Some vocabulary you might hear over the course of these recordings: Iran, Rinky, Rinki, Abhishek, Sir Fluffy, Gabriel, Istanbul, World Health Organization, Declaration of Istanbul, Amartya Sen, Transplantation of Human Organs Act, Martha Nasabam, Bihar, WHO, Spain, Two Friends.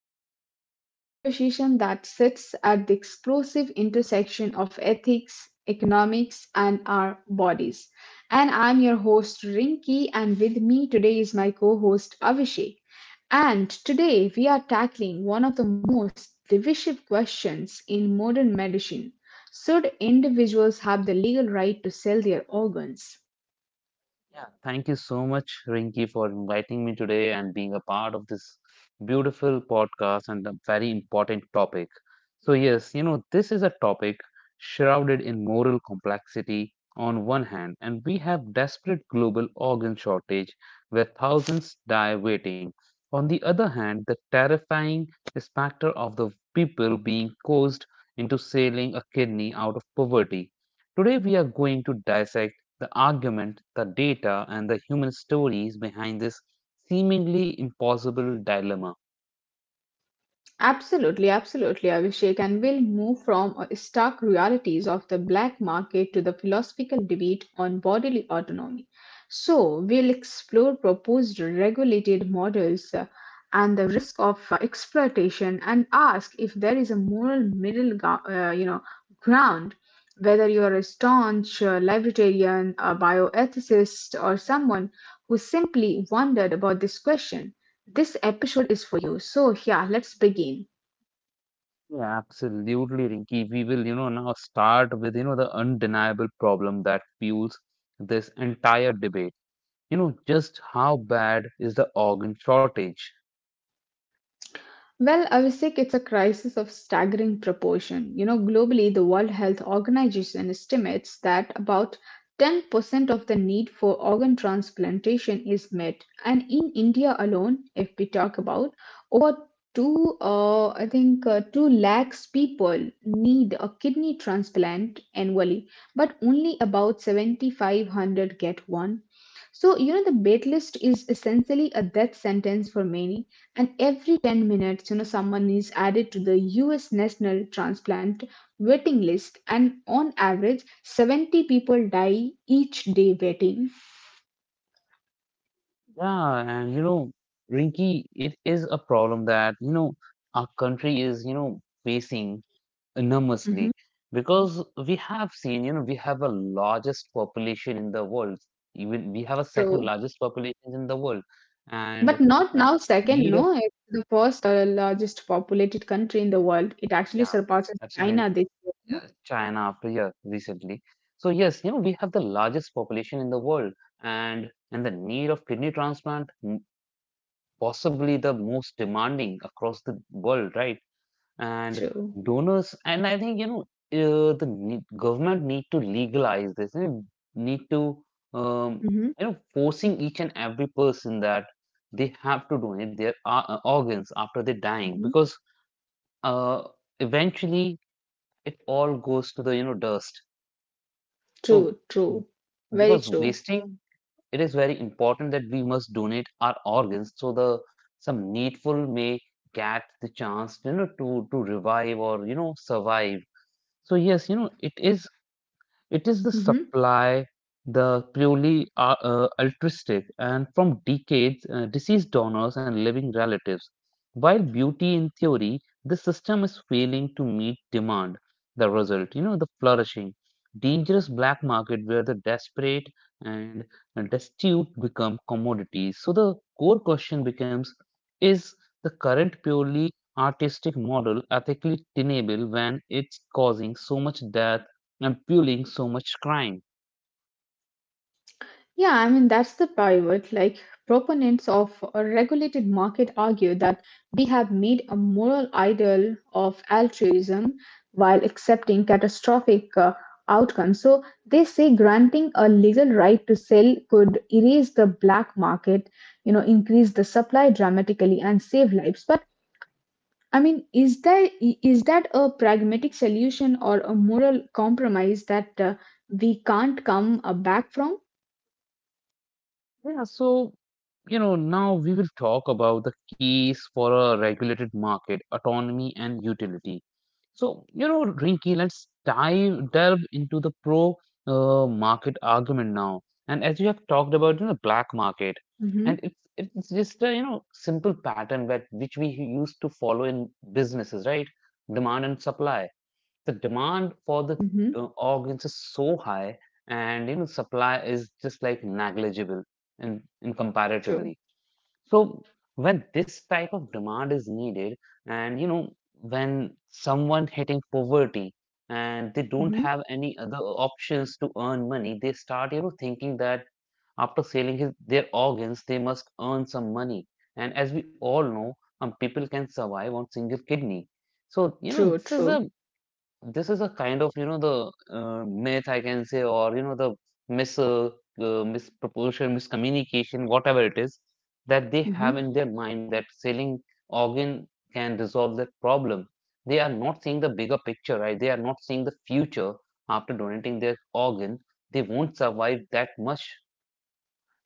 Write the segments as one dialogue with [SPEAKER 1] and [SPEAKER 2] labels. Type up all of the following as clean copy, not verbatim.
[SPEAKER 1] welcome back to a conversation that sits at the explosive intersection of ethics, economics, and our bodies. And I'm your host, Rinki, and with me today is my co host, Abhishek. And today we are tackling one of the most divisive questions in modern medicine. Should individuals have the legal right to sell their organs?
[SPEAKER 2] Yeah, thank you so much, Rinki, for inviting me today and being a part of this beautiful podcast and a very important topic. So, yes, this is a topic shrouded in moral complexity. On one hand, and we have desperate global organ shortage where thousands die waiting. On the other hand, the terrifying specter of the people being coerced into selling a kidney out of poverty. Today, we are going to dissect the argument, the data, and the human stories behind this seemingly impossible dilemma.
[SPEAKER 1] Absolutely, absolutely, Abhishek. And we'll move from stark realities of the black market to the philosophical debate on bodily autonomy. So, we'll explore proposed regulated models and the risk of exploitation and ask if there is a moral middle gou- you know, ground, whether you're a staunch libertarian, a bioethicist, or someone who simply wondered about this question. This episode is for you. So, yeah, let's begin.
[SPEAKER 2] Yeah, absolutely, Rinky. We will, now start with, the undeniable problem that fuels this entire debate. You know, just how bad is the organ shortage?
[SPEAKER 1] Well, Avishek, it's a crisis of staggering proportion. You know, globally, the World Health Organization estimates that about 10% of the need for organ transplantation is met. And in India alone, if we talk about over two, I think two lakhs people need a kidney transplant annually, but only about 7,500 get one. So, you know, the wait list is essentially a death sentence for many, and every 10 minutes, you know, someone is added to the US national transplant waiting list, and on average 70 people die each day waiting.
[SPEAKER 2] Yeah, and, Rinky, it is a problem that, our country is, facing
[SPEAKER 1] Mhm.
[SPEAKER 2] enormously, because we have seen, we have a largest population in the world. Even we have a
[SPEAKER 1] True.
[SPEAKER 2] second largest population in the world,
[SPEAKER 1] But
[SPEAKER 2] and
[SPEAKER 1] not now second,
[SPEAKER 2] need of
[SPEAKER 1] no, it's the first largest populated country in the world. It actually
[SPEAKER 2] yeah,
[SPEAKER 1] surpasses
[SPEAKER 2] absolutely
[SPEAKER 1] China this year, no?
[SPEAKER 2] China after, yeah, recently. So yes, we have the largest population in the world, and the need of kidney transplant possibly the most demanding across the world, right? And
[SPEAKER 1] True.
[SPEAKER 2] donors, and I think the government need to legalize this. They need to um,
[SPEAKER 1] Hmm.
[SPEAKER 2] you know, forcing each and every person that they have to donate their organs after they're dying,
[SPEAKER 1] Hmm.
[SPEAKER 2] because uh, eventually it all goes to the, you know, dust. So
[SPEAKER 1] True, true.
[SPEAKER 2] w-
[SPEAKER 1] Very
[SPEAKER 2] because
[SPEAKER 1] true.
[SPEAKER 2] wasting, it is very important that we must donate our organs so the some needful may get the chance, you know, to revive or, you know, survive. So yes, you know, it is the
[SPEAKER 1] Mhm.
[SPEAKER 2] supply, the purely altruistic, and from decades, deceased donors and living relatives. While beauty, in theory, the system is failing to meet demand. The result, you know, the flourishing, dangerous black market where the desperate and destitute become commodities. So the core question becomes, is the current purely artistic model ethically tenable when it's causing so much death and fueling so much crime?
[SPEAKER 1] Yeah, I mean, that's the pivot. Like, proponents of a regulated market argue that we have made a moral idol of altruism while accepting catastrophic outcomes. So, they say granting a legal right to sell could erase the black market, you know, increase the supply dramatically and save lives. But I mean, is that, is that a pragmatic solution or a moral compromise that we can't come back from?
[SPEAKER 2] Yeah, so, you know, now we will talk about the case for a regulated market, autonomy and utility. So, you know, Rinky, let's dive delve into the pro market argument now. And as you have talked about, you know, black market,
[SPEAKER 1] Mm-hmm.
[SPEAKER 2] and it's just a, you know, simple pattern that which we used to follow in businesses, right? Demand and supply. The demand for the
[SPEAKER 1] Mm-hmm.
[SPEAKER 2] organs is so high, and, you know, supply is just like negligible in
[SPEAKER 1] True.
[SPEAKER 2] comparatively. So when this type of demand is needed, and, you know, when someone hitting poverty and they don't
[SPEAKER 1] Mm-hmm.
[SPEAKER 2] have any other options to earn money, they start, you know, thinking that after selling his, their organs, they must earn some money. And as we all know, people can survive on single kidney. So, you know,
[SPEAKER 1] True, true.
[SPEAKER 2] this is a kind of, you know, the myth I can say, or, you know, the misproportion, miscommunication, whatever it is, that they
[SPEAKER 1] Mm-hmm.
[SPEAKER 2] have in their mind, that selling organ can resolve that problem. They are not seeing the bigger picture, right? They are not seeing the future after donating their organ. They won't survive that much,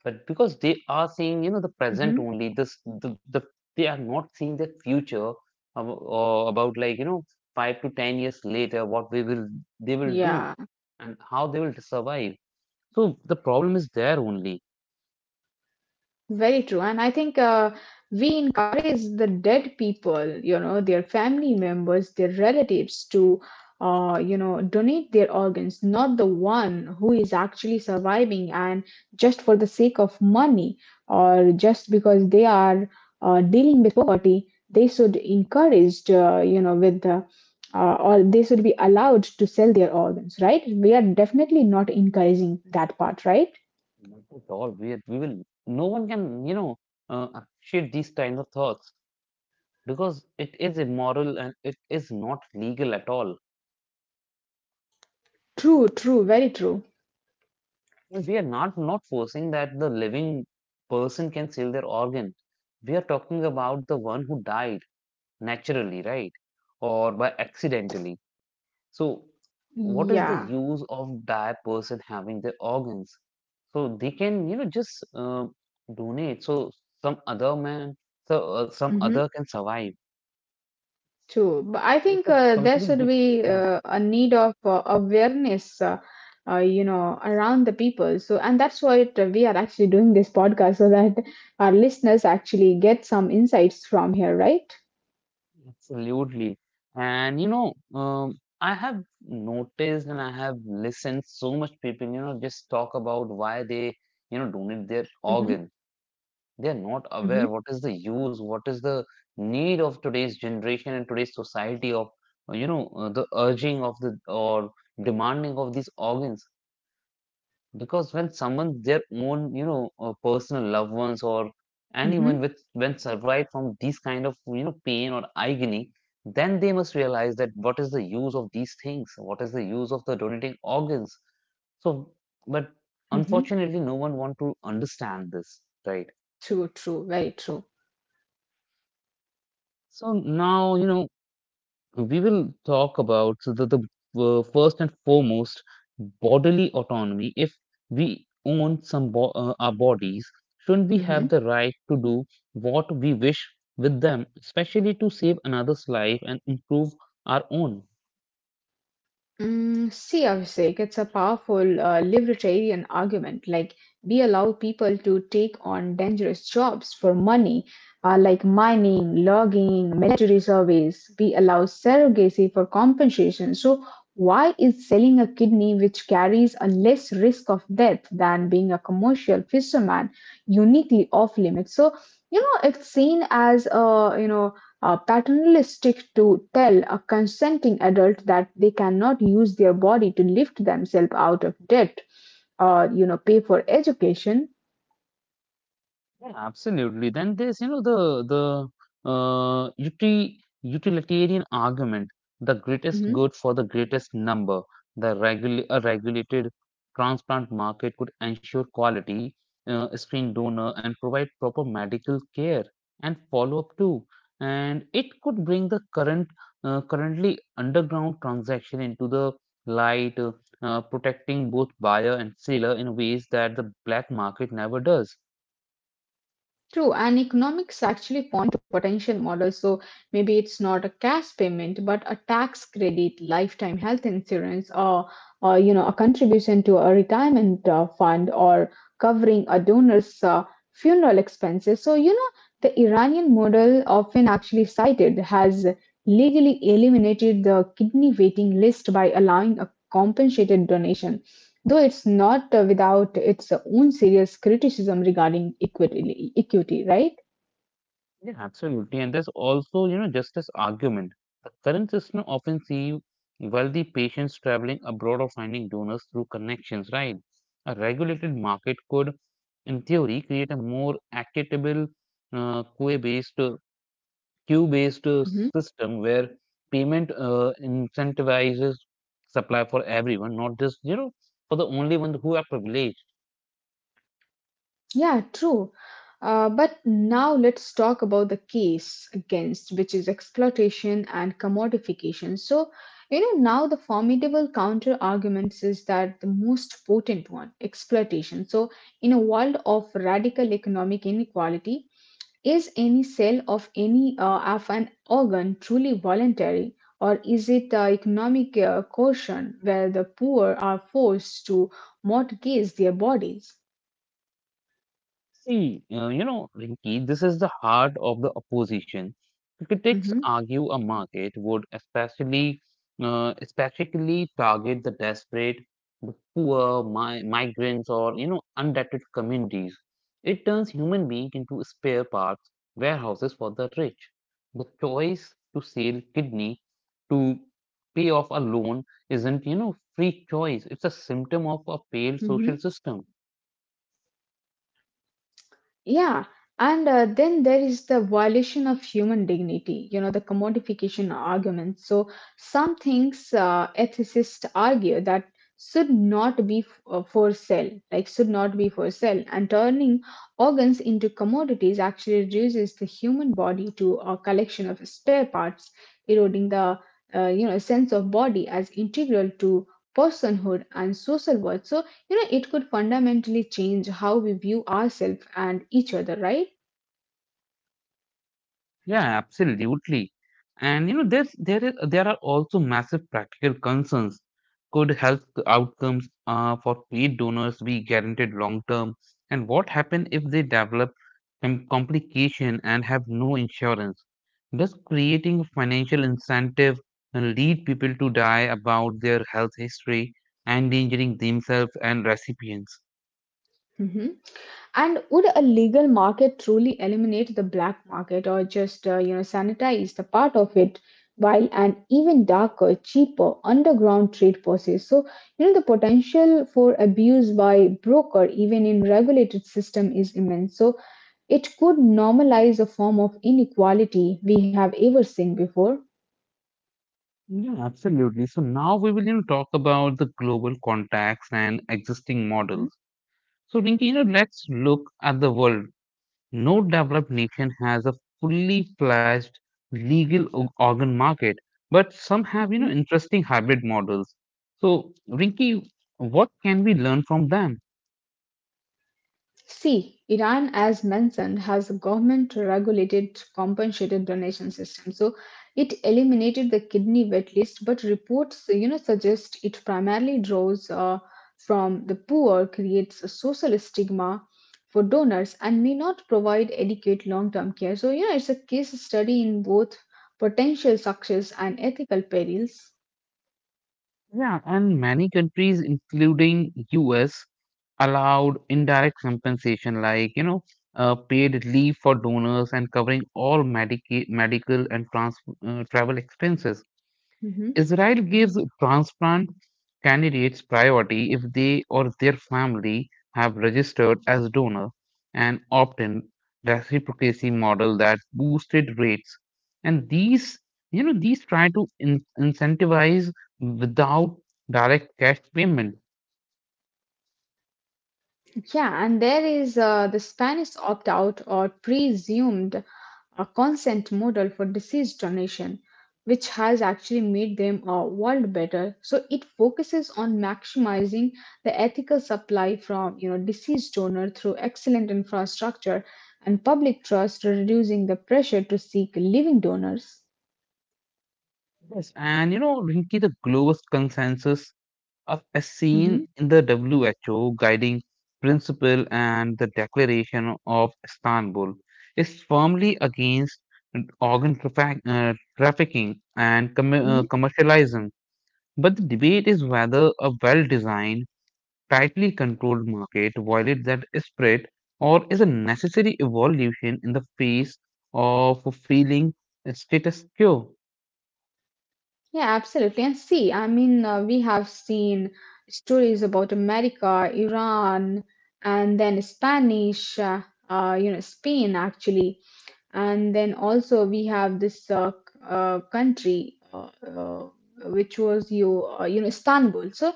[SPEAKER 2] but because they are seeing, you know, the present
[SPEAKER 1] Mm-hmm.
[SPEAKER 2] only. This the, the they are not seeing the future, or about, like, you know, 5 to 10 years later, what we will they will do
[SPEAKER 1] Yeah.
[SPEAKER 2] and how they will survive. So the problem is there only.
[SPEAKER 1] Very true. And I think we encourage the dead people, you know, their family members, their relatives to, you know, donate their organs, not the one who is actually surviving and just for the sake of money, or just because they are dealing with poverty, they should encouraged, you know, with the, or they should be allowed to sell their organs, right? We are definitely not encouraging that part, right?
[SPEAKER 2] Not at all. We, we will no one can, you know, appreciate these kinds of thoughts, because it is immoral and it is not legal at all.
[SPEAKER 1] True, true, very true.
[SPEAKER 2] We are not not forcing that the living person can sell their organ. We are talking about the one who died naturally, right? Or by accidentally. So, what is the
[SPEAKER 1] Yeah.
[SPEAKER 2] use of die person having their organs? So they can, you know, just donate, so some other man, so some other
[SPEAKER 1] Mm-hmm.
[SPEAKER 2] can survive.
[SPEAKER 1] True, but I
[SPEAKER 2] It's
[SPEAKER 1] think
[SPEAKER 2] a
[SPEAKER 1] there should
[SPEAKER 2] complete,
[SPEAKER 1] be
[SPEAKER 2] yeah,
[SPEAKER 1] a need of awareness, you know, around the people. So, and that's why it, we are actually doing this podcast so that our listeners actually get some insights from here, right?
[SPEAKER 2] absolutely. And, you know, I have noticed, and I have listened so much people, you know, just talk about why they, you know, donate their
[SPEAKER 1] Mm-hmm.
[SPEAKER 2] organ. They are not
[SPEAKER 1] Mm-hmm.
[SPEAKER 2] aware what is the use, what is the need of today's generation and today's society of, you know, the urging of the or demanding of these organs. Because when someone, their own, you know, personal loved ones or anyone
[SPEAKER 1] Mm-hmm.
[SPEAKER 2] with when survived from these kind of, you know, pain or agony, then they must realize that what is the use of these things? What is the use of the donating organs? So, but
[SPEAKER 1] Mm-hmm.
[SPEAKER 2] unfortunately, no one want to understand this, right?
[SPEAKER 1] True. True. Very true.
[SPEAKER 2] So now, you know, we will talk about the, uh, first and foremost bodily autonomy. If we own some bo our bodies, shouldn't we have
[SPEAKER 1] Mm-hmm.
[SPEAKER 2] the right to do what we wish with them, especially to save another's life and improve our own?
[SPEAKER 1] Mm, see, Abhishek, it's a powerful libertarian argument. Like, we allow people to take on dangerous jobs for money, like mining, logging, military service. We allow surrogacy for compensation. So, why is selling a kidney, which carries a less risk of death than being a commercial fisherman, uniquely off limits? So, you know, it's seen as a, you know, paternalistic to tell a consenting adult that they cannot use their body to lift themselves out of debt or, you know, pay for education.
[SPEAKER 2] Yeah, absolutely. Then there's, you know, the utilitarian argument, the greatest good for the greatest number. The regul a regulated transplant market could ensure quality, screen donor, and provide proper medical care and follow-up too. And it could bring the current currently underground transaction into the light, protecting both buyer and seller in ways that the black market never does.
[SPEAKER 1] True, and economics actually point to potential models. So maybe it's not a cash payment, but a tax credit, lifetime health insurance, or, you know, a contribution to a retirement fund, or covering a donor's funeral expenses. So, you know, the Iranian model, often actually cited, has legally eliminated the kidney waiting list by allowing a compensated donation, though it's not without its own serious criticism regarding equity, equity, right?
[SPEAKER 2] Yeah, absolutely. And there's also, you know, justice argument. The current system often see wealthy patients traveling abroad or finding donors through connections, right? A regulated market could, in theory, create a more equitable, uh, queue-based, uh, queue-based
[SPEAKER 1] Hmm.
[SPEAKER 2] system where payment incentivizes supply for everyone, not just, you know, for the only one who are privileged.
[SPEAKER 1] Yeah, true. But now let's talk about the case against, which is exploitation and commodification. So, you know, now the formidable counter arguments is that the most potent one, exploitation. So, in a world of radical economic inequality, is any sale of any of an organ truly voluntary, or is it economic coercion where the poor are forced to mortgage their bodies?
[SPEAKER 2] See, you know, Rinki, this is the heart of the opposition. Critics
[SPEAKER 1] Mhm,
[SPEAKER 2] argue a market would especially, especially target the desperate, the poor, mi migrants, or, you know, undebted communities. It turns human beings into spare parts warehouses for the rich. The choice to sell kidney to pay off a loan isn't, you know, free choice. It's a symptom of a failed social
[SPEAKER 1] mhm.
[SPEAKER 2] system.
[SPEAKER 1] Yeah, and then there is the violation of human dignity, you know, the commodification argument. So, some things ethicists argue that should not be for sale, like, should not be for sale. And turning organs into commodities actually reduces the human body to a collection of spare parts, eroding the, you know, sense of body as integral to personhood and social worth. So, you know, it could fundamentally change how we view ourselves and each other, right?
[SPEAKER 2] Yeah, absolutely. And, you know, there's there is there are also massive practical concerns. Could health outcomes for paid donors be guaranteed long term? And what happens if they develop complication and have no insurance? Does creating a financial incentive lead people to die about their health history, endangering themselves and recipients?
[SPEAKER 1] Hmm. And would a legal market truly eliminate the black market, or just you know, sanitize the part of it while an even darker, cheaper underground trade persists? So, you know, the potential for abuse by broker even in regulated system is immense. So it could normalize a form of inequality we have ever seen before.
[SPEAKER 2] Yeah, absolutely. So now we will, you know, talk about the global contacts and existing
[SPEAKER 1] Mhm.
[SPEAKER 2] models. So Rinki, you know, let's look at the world. No developed nation has a fully fledged legal organ market, but some have, you know,
[SPEAKER 1] Mhm.
[SPEAKER 2] interesting hybrid models. So Rinki, what can we learn from them?
[SPEAKER 1] See, Iran, as mentioned, has a government regulated compensated donation system. So it eliminated the kidney wait list, but reports, you know, suggest it primarily draws from the poor, creates a social stigma for donors, and may not provide adequate long-term care. So, you know, it's a case study in both potential success and ethical perils.
[SPEAKER 2] Yeah, and many countries, including US, allowed indirect compensation like, you know, paid leave for donors and covering all medical and trans travel expenses.
[SPEAKER 1] Mhm.
[SPEAKER 2] Israel gives transplant candidates priority if they or their family have registered as donor, and opt-in reciprocity model that boosted rates. And these, you know, these try to incentivize without direct cash payment.
[SPEAKER 1] Yeah, and there is the Spanish opt-out or presumed a consent model for disease donation, which has actually made them a world better. So it focuses on maximizing the ethical supply from, you know, deceased donor through excellent infrastructure and public trust, reducing the pressure to seek living donors.
[SPEAKER 2] Yes. And, you know, Rinki, the global consensus of as
[SPEAKER 1] Mhm,
[SPEAKER 2] seen in the WHO guiding principle and the Declaration of Istanbul, is firmly against trafficking and
[SPEAKER 1] mhm.
[SPEAKER 2] commercialism. But the debate is whether a well designed, tightly controlled market violates that spirit or is a necessary evolution in the face of feeling status quo.
[SPEAKER 1] Yeah, absolutely. And see, I mean, we have seen stories about America, Iran, and then Spanish, you know, Spain, actually, and then also we have this country which was you you know, Istanbul. So,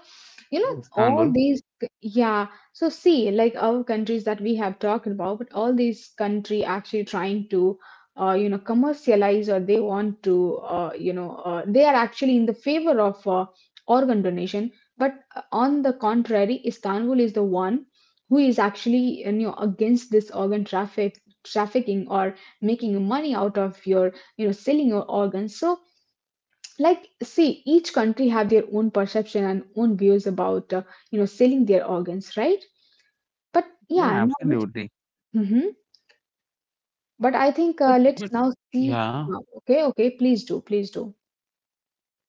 [SPEAKER 1] you know,
[SPEAKER 2] Yes,
[SPEAKER 1] all
[SPEAKER 2] Istanbul.
[SPEAKER 1] these, yeah. So see, like, our countries that we have talked about, but all these country actually trying to you know, commercialize, or they want to you know they are actually in the favor of organ donation, but on the contrary, Istanbul is the one who is actually, you know, against this organ traffic, trafficking, or making money out of your, you know, selling your organs. So, like, see, each country have their own perception and own views about you know, selling their organs, right? But
[SPEAKER 2] Yeah,
[SPEAKER 1] yeah, now let—
[SPEAKER 2] absolutely.
[SPEAKER 1] hmm, but I think, let's
[SPEAKER 2] But
[SPEAKER 1] now see.
[SPEAKER 2] yeah.
[SPEAKER 1] Okay, okay, please do, please do.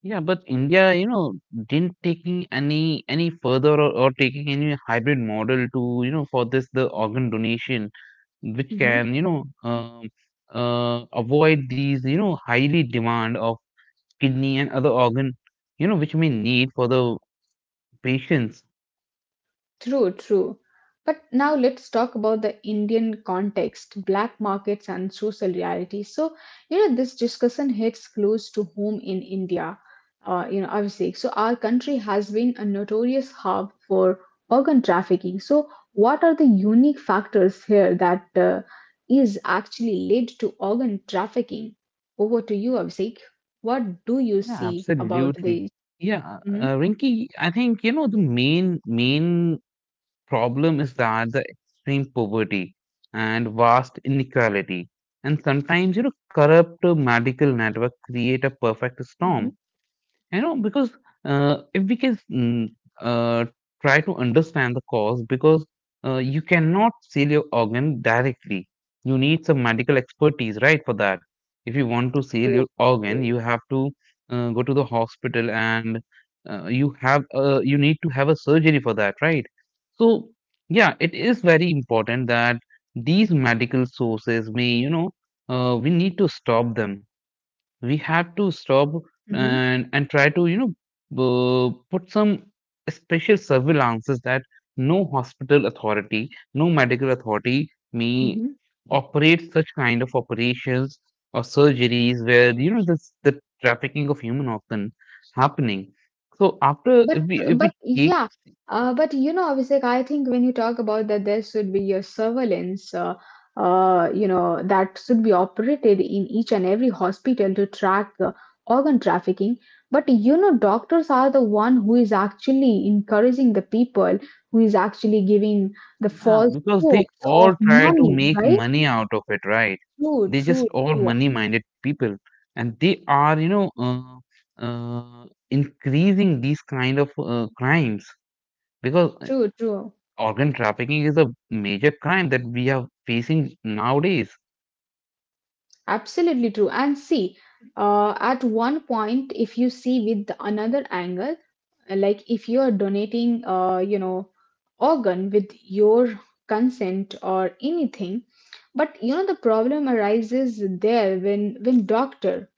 [SPEAKER 2] Yeah, but India, you know, didn't taking any further, or taking any hybrid model to, you know, for this the organ donation, which
[SPEAKER 1] Hmm.
[SPEAKER 2] can, you know, avoid these, you know, highly demand of kidney and other organ, you know, which we need for the patients.
[SPEAKER 1] True, true. But now let's talk about the Indian context, black markets, and social reality. So, you know, this discussion hits close to home in India, you know, obviously. So, our country has been a notorious hub for organ trafficking. So, what are the unique factors here that is actually led to organ trafficking? Over to you, Abhishek. What do you
[SPEAKER 2] Yeah,
[SPEAKER 1] see about this?
[SPEAKER 2] absolutely. Yeah,
[SPEAKER 1] Mm-hmm.
[SPEAKER 2] Rinky, I think, you know, the main problem is that the extreme poverty and vast inequality and sometimes, you know, corrupt medical network create a perfect
[SPEAKER 1] Mm-hmm.
[SPEAKER 2] storm. You know, because if we can mm, uh, try to understand the cause, because you cannot sell your organ directly. You need some medical expertise, right, for that. If you want to sell your
[SPEAKER 1] True.
[SPEAKER 2] organ, you
[SPEAKER 1] True.
[SPEAKER 2] have to go to the hospital, and you need to have a surgery for that, right? So yeah, it is very important that these medical sources may, you know, we need to stop them. We have to stop,
[SPEAKER 1] Mm-hmm.
[SPEAKER 2] and try to, you know, put some special surveillances that no hospital authority, no medical authority may operate such kind of operations or surgeries where, you know, this the trafficking of human organ happening. So after,
[SPEAKER 1] But
[SPEAKER 2] if we if
[SPEAKER 1] but
[SPEAKER 2] we take,
[SPEAKER 1] yeah, but you know, Abhishek, I think when you talk about that, there should be a surveillance, you know, that should be operated in each and every hospital to track organ trafficking. But you know, doctors are the one who is actually encouraging the people, who is actually giving the
[SPEAKER 2] yeah,
[SPEAKER 1] false
[SPEAKER 2] because they
[SPEAKER 1] hopes of
[SPEAKER 2] all try to
[SPEAKER 1] money,
[SPEAKER 2] make
[SPEAKER 1] right?
[SPEAKER 2] money out of it, right?
[SPEAKER 1] True,
[SPEAKER 2] They
[SPEAKER 1] true,
[SPEAKER 2] just all
[SPEAKER 1] true,
[SPEAKER 2] money-minded people, and they are, increasing these kind of crimes because
[SPEAKER 1] true, true.
[SPEAKER 2] organ trafficking is a major crime that we are facing nowadays.
[SPEAKER 1] Absolutely true. And see, at one point, if you see with another angle, like if you are donating, you know, organ with your consent or anything, but you know the problem arises there when doctor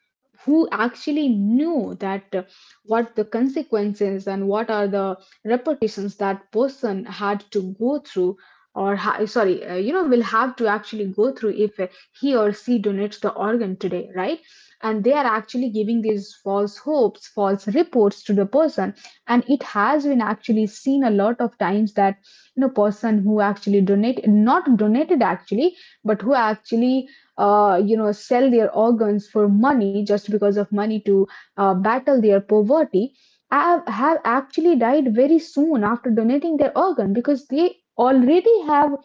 [SPEAKER 1] who actually knew that what the consequences and what are the repercussions that person had to go through or sorry you know, will have to actually go through if he or she donates the organ today, right? And they are actually giving these false hopes, false reports to the person. And it has been actually seen a lot of times that person who actually donate not donated actually, but who actually sell their organs for money just because of money to battle their poverty have actually died very soon after donating their organ because they already have.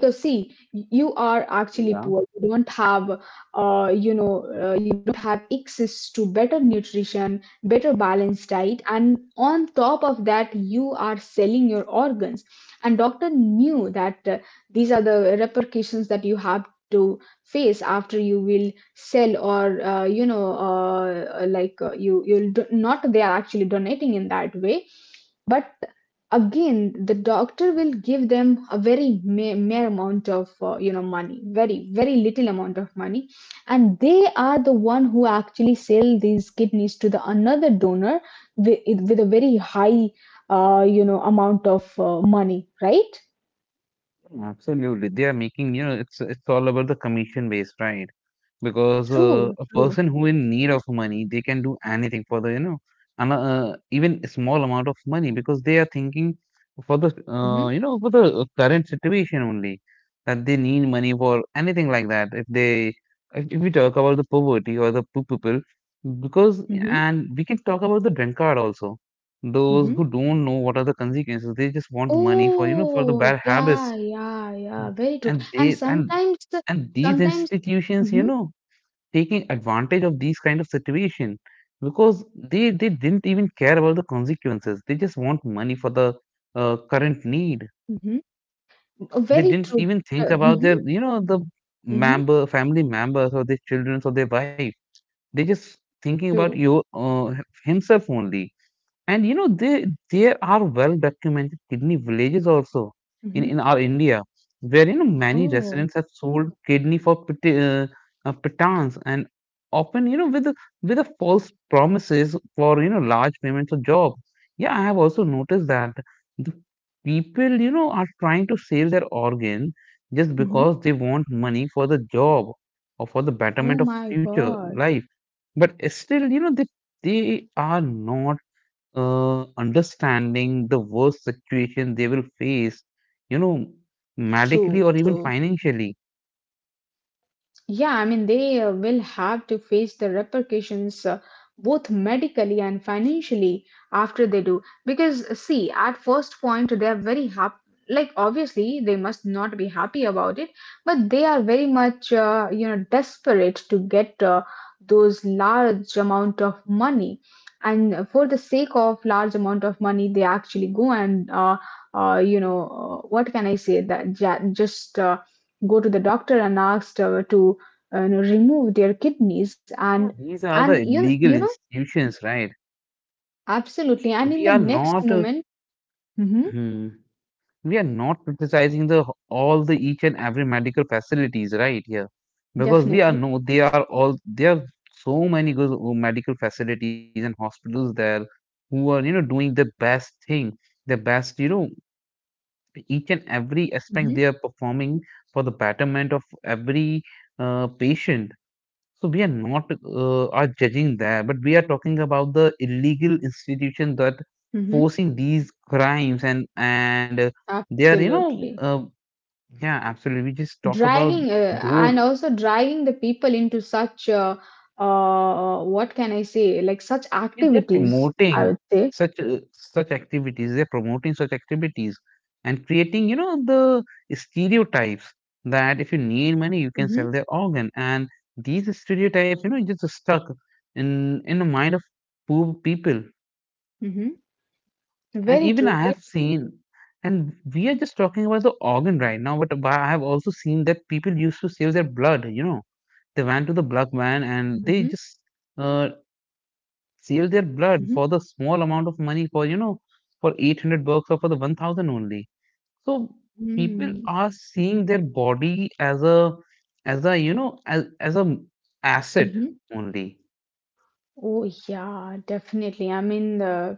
[SPEAKER 1] Because see, you are actually
[SPEAKER 2] Yeah.
[SPEAKER 1] poor, you don't have you don't have access to better nutrition, better balanced diet, and on top of that you are selling your organs. And doctor knew that these are the repercussions that you have to face after you will sell, or like you'll not, they are actually donating in that way. But again, the doctor will give them a very mere amount of money, very very little amount of money, and they are the one who actually sell these kidneys to the another donor with, with a very high amount of money, right?
[SPEAKER 2] Absolutely. They are making, you know, it's all about the commission based, right? Because
[SPEAKER 1] true
[SPEAKER 2] a
[SPEAKER 1] true
[SPEAKER 2] person who in need of money, they can do anything for the, you know, and even a small amount of money because they are thinking for the,
[SPEAKER 1] hmm
[SPEAKER 2] you know, for the current situation only, that they need money for anything like that. If we talk about the poverty or the poor people, because
[SPEAKER 1] hmm
[SPEAKER 2] and we can talk about the drunkard also. Those
[SPEAKER 1] hmm
[SPEAKER 2] who don't know what are the consequences, they just want money for, you know, for the
[SPEAKER 1] oh,
[SPEAKER 2] bad
[SPEAKER 1] yeah,
[SPEAKER 2] habits.
[SPEAKER 1] yeah, yeah,
[SPEAKER 2] Mm.
[SPEAKER 1] very true.
[SPEAKER 2] and
[SPEAKER 1] And
[SPEAKER 2] they
[SPEAKER 1] sometimes,
[SPEAKER 2] and these
[SPEAKER 1] sometimes.
[SPEAKER 2] institutions,
[SPEAKER 1] hmm
[SPEAKER 2] you know, taking advantage of these kind of situation because they didn't even care about the consequences. They just want money for the current need.
[SPEAKER 1] hmm
[SPEAKER 2] They
[SPEAKER 1] Very
[SPEAKER 2] didn't
[SPEAKER 1] true.
[SPEAKER 2] even think about
[SPEAKER 1] Mhm,
[SPEAKER 2] their, you know, the
[SPEAKER 1] mhm.
[SPEAKER 2] member family members or their children or their wife. They just thinking about
[SPEAKER 1] True.
[SPEAKER 2] you, uh, himself only. And you know, they, there are well documented kidney villages also
[SPEAKER 1] Mhm.
[SPEAKER 2] in our India, where you know many
[SPEAKER 1] Oh.
[SPEAKER 2] residents have sold kidney for pittance and often you know with a false promises for you know large payments or job. Yeah, I have also noticed that the people you know are trying to sell their organ just because
[SPEAKER 1] Mhm.
[SPEAKER 2] they want money for the job or for the betterment
[SPEAKER 1] Oh
[SPEAKER 2] of
[SPEAKER 1] my
[SPEAKER 2] future
[SPEAKER 1] God.
[SPEAKER 2] life, but still you know they are not understanding the worst situation they will face, you know, medically
[SPEAKER 1] True,
[SPEAKER 2] or even
[SPEAKER 1] true.
[SPEAKER 2] financially.
[SPEAKER 1] Yeah, I mean, they will have to face the repercussions both medically and financially after they do. Because, see, at first point, they are very happy. Like, obviously, they must not be happy about it, but they are very much, desperate to get those large amount of money. And for the sake of large amount of money, they actually go and, uh, you know, what can I say? That just go to the doctor and asked to remove their kidneys. And
[SPEAKER 2] Yeah, these are
[SPEAKER 1] and
[SPEAKER 2] the
[SPEAKER 1] you you
[SPEAKER 2] legal
[SPEAKER 1] know
[SPEAKER 2] institutions, right?
[SPEAKER 1] absolutely, and in
[SPEAKER 2] We
[SPEAKER 1] the
[SPEAKER 2] are
[SPEAKER 1] next
[SPEAKER 2] not, uh,
[SPEAKER 1] moment. hmm
[SPEAKER 2] hmm, we are not criticizing the all the each and every medical facilities, right? Here, because we are
[SPEAKER 1] Definitely.
[SPEAKER 2] no, they are all, there are so many good medical facilities and hospitals there who are you know doing the best thing, the best you know each and every aspect
[SPEAKER 1] hmm
[SPEAKER 2] they are performing for the betterment of every patient. So we are not are judging that, but we are talking about the illegal institution that
[SPEAKER 1] hmm
[SPEAKER 2] forcing these crimes, and they are you know
[SPEAKER 1] Absolutely.
[SPEAKER 2] yeah, absolutely. We just talk about
[SPEAKER 1] Dragging and
[SPEAKER 2] those.
[SPEAKER 1] also dragging the people into such what can I say, like such
[SPEAKER 2] Yeah, they're
[SPEAKER 1] activities, I
[SPEAKER 2] promoting
[SPEAKER 1] would say.
[SPEAKER 2] such activities. They're promoting such activities and creating, you know, the stereotypes that if you need money, you can
[SPEAKER 1] hmm
[SPEAKER 2] sell their organ. And these stereotypes, you know, just stuck in the mind of poor people.
[SPEAKER 1] hmm
[SPEAKER 2] And
[SPEAKER 1] very
[SPEAKER 2] even
[SPEAKER 1] true
[SPEAKER 2] I
[SPEAKER 1] very
[SPEAKER 2] have seen, and we are just talking about the organ right now, but I have also seen that people used to sell their blood. You know, they went to the blood van and they
[SPEAKER 1] hmm
[SPEAKER 2] just. Uh, Sell their blood for the small amount of money for, you know, for $800 or for the 1000 only. So people
[SPEAKER 1] hmm
[SPEAKER 2] are seeing their body as a, as a asset
[SPEAKER 1] hmm
[SPEAKER 2] only.
[SPEAKER 1] Oh yeah, definitely. I mean,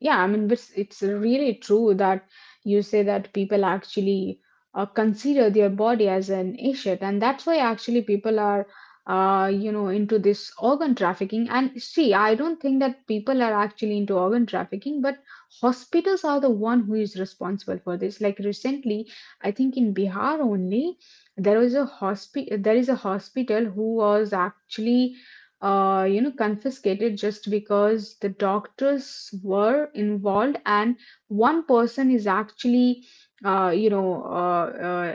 [SPEAKER 1] yeah, I mean, it's really true that you say that people actually consider their body as an asset, and that's why actually people are, into this organ trafficking. And see, I don't think that people are actually into organ trafficking, but hospitals are the one who is responsible for this. Like recently, I think in Bihar only, there was a hospi there is a hospital who was actually confiscated just because the doctors were involved, and one person is actually, you know, uh,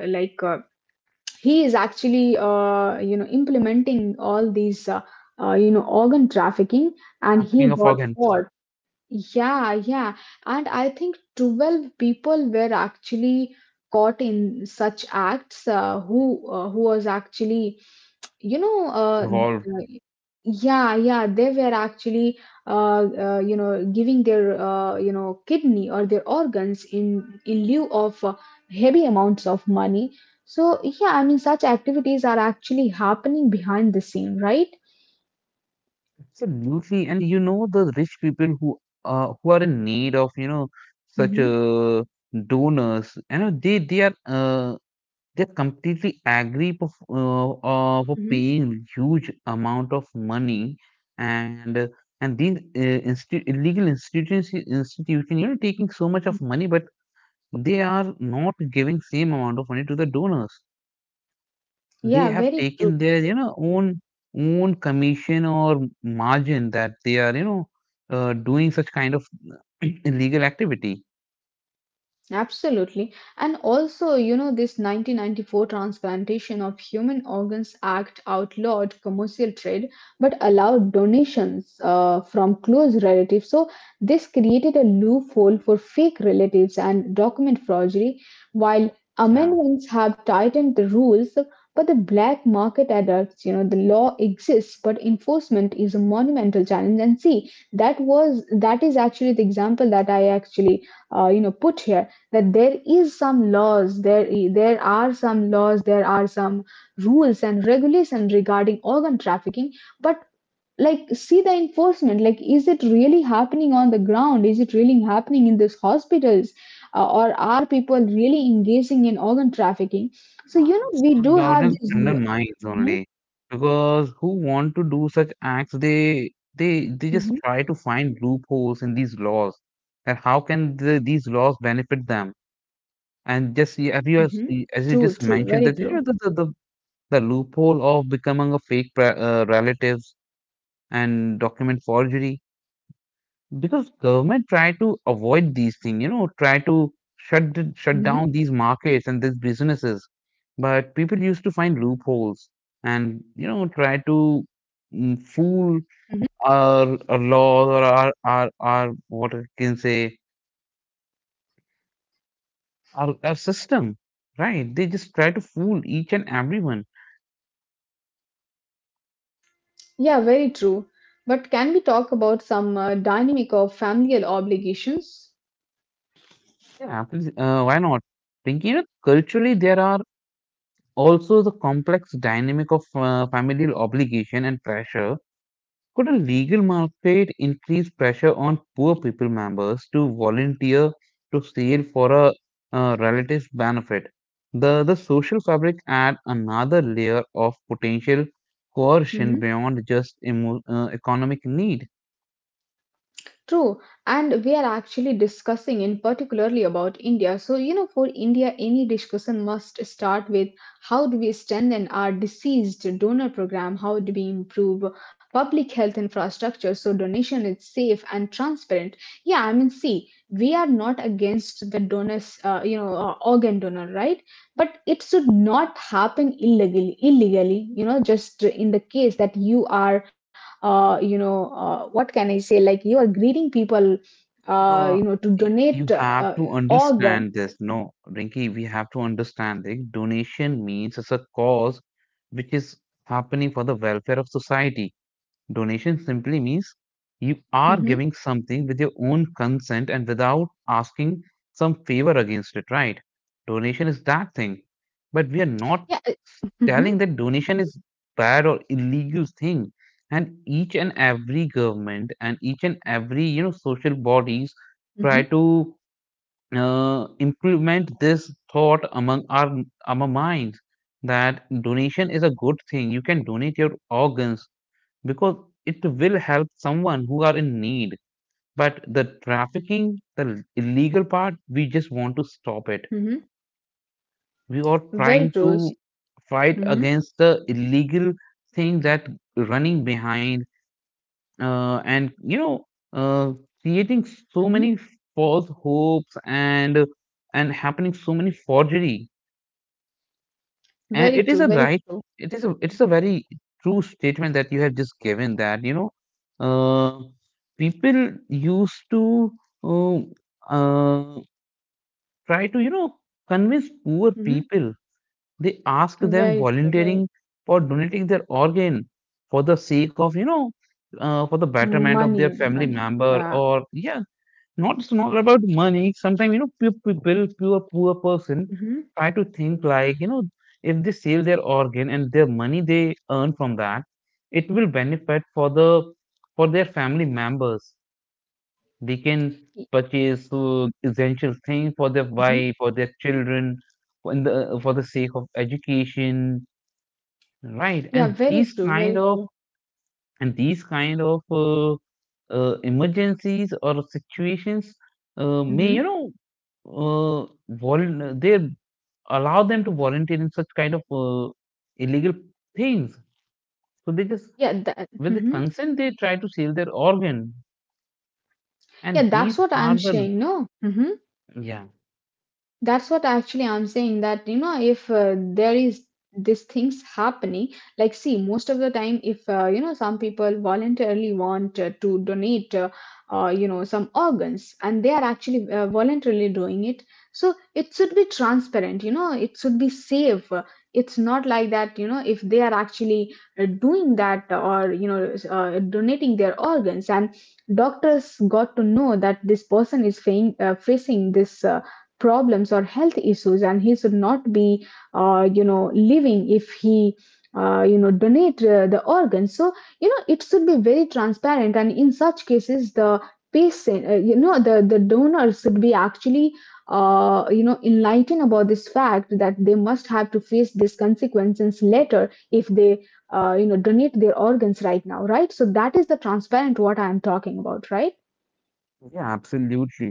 [SPEAKER 1] uh, like he is actually, implementing all these, organ trafficking, and
[SPEAKER 2] Trafficking of
[SPEAKER 1] he got
[SPEAKER 2] organs
[SPEAKER 1] caught. Yeah, yeah. And I think 12 people were actually caught in such acts, who was actually you know, uh,
[SPEAKER 2] involved.
[SPEAKER 1] uh, yeah, yeah, they were actually, giving their, kidney or their organs in lieu of heavy amounts of money. So yeah, I mean, such activities are actually happening behind the scene, right?
[SPEAKER 2] Absolutely. And you know, the rich people who are in need of, you know, such
[SPEAKER 1] Mm-hmm.
[SPEAKER 2] a donors, you know, they completely agree of, of
[SPEAKER 1] Mm-hmm.
[SPEAKER 2] paying huge amount of money, and illegal institutions institution, you know, taking so much of money but they are not giving same amount of money to the donors. They
[SPEAKER 1] Yeah,
[SPEAKER 2] have
[SPEAKER 1] very
[SPEAKER 2] taken
[SPEAKER 1] true.
[SPEAKER 2] their you know own commission or margin that they are you know doing such kind of illegal activity.
[SPEAKER 1] Absolutely. And also, you know, this 1994 Transplantation of Human Organs Act outlawed commercial trade but allowed donations from close relatives. So this created a loophole for fake relatives and document forgery, while amendments have tightened the rules. But the black market adapts. You know, the law exists, but enforcement is a monumental challenge. And see, that is actually the example that I actually, put here, that there is some laws there, there are some laws, there are some rules and regulation regarding organ trafficking, but like see, the enforcement, like is it really happening on the ground, is it really happening in these hospitals, or are people really engaging in organ trafficking? So you know, we do have
[SPEAKER 2] Garden's
[SPEAKER 1] this.
[SPEAKER 2] criminal minds
[SPEAKER 1] Mm-hmm.
[SPEAKER 2] only, because who want to do such acts they just try to find loopholes in these laws, that how can the, these laws benefit them. And
[SPEAKER 1] hmm
[SPEAKER 2] just
[SPEAKER 1] true true very
[SPEAKER 2] as you just
[SPEAKER 1] true.
[SPEAKER 2] mentioned that you know the loophole of becoming a fake relatives and document forgery, because government try to avoid these things, you know, try to shut
[SPEAKER 1] hmm
[SPEAKER 2] down these markets and these businesses. But people used to find loopholes and you know try to fool our laws or our, what I can say, our system, right? They just try to fool each and everyone.
[SPEAKER 1] yeah, very true. But can we talk about some dynamic of familial obligations?
[SPEAKER 2] Yeah, please, why not? Thinking you know, culturally there are also the complex dynamic of familial obligation and pressure. Could a legal mandate increase pressure on poor people members to volunteer to seal for a relative's benefit? The social fabric adds another layer of potential coercion
[SPEAKER 1] Mhm.
[SPEAKER 2] beyond just economic need.
[SPEAKER 1] True, and we are actually discussing in particularly about India. So, you know, for India, any discussion must start with, how do we strengthen our deceased donor program? How do we improve public health infrastructure so donation is safe and transparent? Yeah, I mean, see, we are not against the donors, you know, organ donor, right? But it should not happen illegally. Illegally, you know, just in the case that you are what can I say, like you are greeting people
[SPEAKER 2] Uh,
[SPEAKER 1] to
[SPEAKER 2] you
[SPEAKER 1] donate
[SPEAKER 2] have to
[SPEAKER 1] organ.
[SPEAKER 2] understand this. No, Rinki, we have to understand that donation means it's a cause which is happening for the welfare of society. Donation simply means you are
[SPEAKER 1] hmm
[SPEAKER 2] giving something with your own consent and without asking some favor against it, right? Donation is that thing. But we are not
[SPEAKER 1] yeah, mm-hmm.
[SPEAKER 2] telling that donation is bad or illegal thing. And each and every government and each and every you know social
[SPEAKER 1] Mm-hmm.
[SPEAKER 2] bodies try to implement this thought among our among minds that donation is a good thing. You can donate your organs because it will help someone who are in need. But the trafficking, the illegal part, we just want to stop it.
[SPEAKER 1] Mm-hmm.
[SPEAKER 2] We are
[SPEAKER 1] Very
[SPEAKER 2] trying
[SPEAKER 1] true.
[SPEAKER 2] to fight
[SPEAKER 1] Mm-hmm.
[SPEAKER 2] against the illegal thing that running behind and you know uh, creating so
[SPEAKER 1] Mm-hmm.
[SPEAKER 2] many false hopes and happening so many forgery. And
[SPEAKER 1] Very
[SPEAKER 2] it is
[SPEAKER 1] true,
[SPEAKER 2] a
[SPEAKER 1] very
[SPEAKER 2] right.
[SPEAKER 1] true.
[SPEAKER 2] It is a very true statement that you have just given that you know. Uh, people used to uh, uh, try to you know convince poor
[SPEAKER 1] Mm-hmm.
[SPEAKER 2] people. They ask them
[SPEAKER 1] Very true,
[SPEAKER 2] volunteering
[SPEAKER 1] very.
[SPEAKER 2] for donating their organ for the sake of you know for the betterment of their
[SPEAKER 1] Money,
[SPEAKER 2] family
[SPEAKER 1] money,
[SPEAKER 2] member
[SPEAKER 1] yeah.
[SPEAKER 2] or yeah, not it's not about money. Sometimes you know poor people, poor person
[SPEAKER 1] Mm-hmm.
[SPEAKER 2] try to think like you know if they sell their organ and their money they earn from that, it will benefit for the for their family members. They can purchase essential things for their
[SPEAKER 1] Mm-hmm.
[SPEAKER 2] wife, for their children, for the sake of education, right?
[SPEAKER 1] Yeah,
[SPEAKER 2] And
[SPEAKER 1] very
[SPEAKER 2] these
[SPEAKER 1] true,
[SPEAKER 2] kind
[SPEAKER 1] very
[SPEAKER 2] of
[SPEAKER 1] true.
[SPEAKER 2] and these kind of uh, emergencies or situations may you
[SPEAKER 1] Mm-hmm.
[SPEAKER 2] know they allow them to volunteer in such kind of illegal things. So they just
[SPEAKER 1] Yeah, that,
[SPEAKER 2] with the
[SPEAKER 1] mm-hmm.
[SPEAKER 2] consent they try to sell their organ,
[SPEAKER 1] Yeah,
[SPEAKER 2] and these
[SPEAKER 1] that's what
[SPEAKER 2] are
[SPEAKER 1] I'm
[SPEAKER 2] the
[SPEAKER 1] saying, no. Mm-hmm.
[SPEAKER 2] yeah
[SPEAKER 1] That's what actually I'm saying, that you know, if there is these things happening, like see, most of the time, if you know, some people voluntarily want to donate some organs, and they are actually voluntarily doing it, so it should be transparent, you know, it should be safe. It's not like that, you know, if they are actually doing that, or you know, donating their organs, and doctors got to know that this person is facing this problems or health issues, and he should not be you know, living if he you know, donate the organs. So you know, it should be very transparent, and in such cases, the patient, you know, the donor should be actually you know, enlightened about this fact, that they must have to face these consequences later, if they you know, donate their organs right now, right? So that is the transparent what I am talking about, right?
[SPEAKER 2] yeah absolutely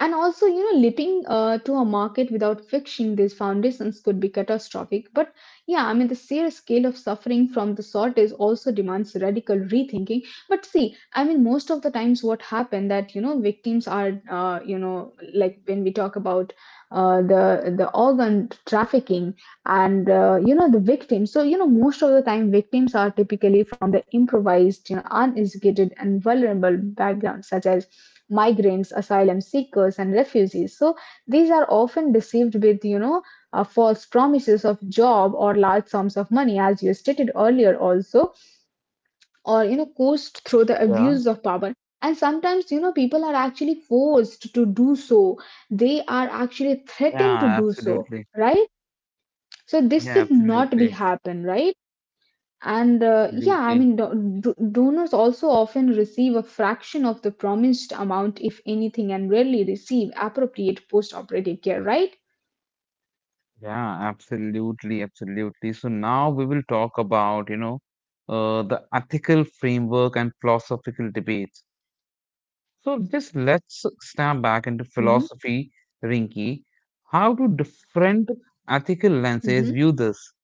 [SPEAKER 1] And also, you know, leaping to a market without fixing these foundations could be catastrophic. But yeah, I mean, the sheer scale of suffering from the shortage also demands radical rethinking. But see, I mean, most of the times what happen, that, you know, victims are, you know, like when we talk about the organ trafficking, and, you know, the victims. So, you know, most of the time victims are typically from the improvised, you know, uneducated and vulnerable backgrounds, such as migrants, asylum seekers, and refugees. So these are often deceived with, you know, false promises of job or large sums of money, as you stated earlier, also, or you know, coerced through the
[SPEAKER 2] yeah.
[SPEAKER 1] abuse of power. And sometimes, you know, people are actually forced to do so. They are actually threatened to
[SPEAKER 2] Yeah,
[SPEAKER 1] do so,
[SPEAKER 2] absolutely.
[SPEAKER 1] right? So this
[SPEAKER 2] Yeah,
[SPEAKER 1] should not be
[SPEAKER 2] absolutely.
[SPEAKER 1] happen, right? And yeah, I
[SPEAKER 2] Absolutely.
[SPEAKER 1] mean, donors also often receive a fraction of the promised amount, if anything, and rarely receive appropriate post operative care, right?
[SPEAKER 2] Yeah, absolutely. Absolutely. So now we will talk about, you know, the ethical framework and philosophical debates. So just let's step back into philosophy, Rinki. How do different ethical lenses
[SPEAKER 1] hmm
[SPEAKER 2] view this?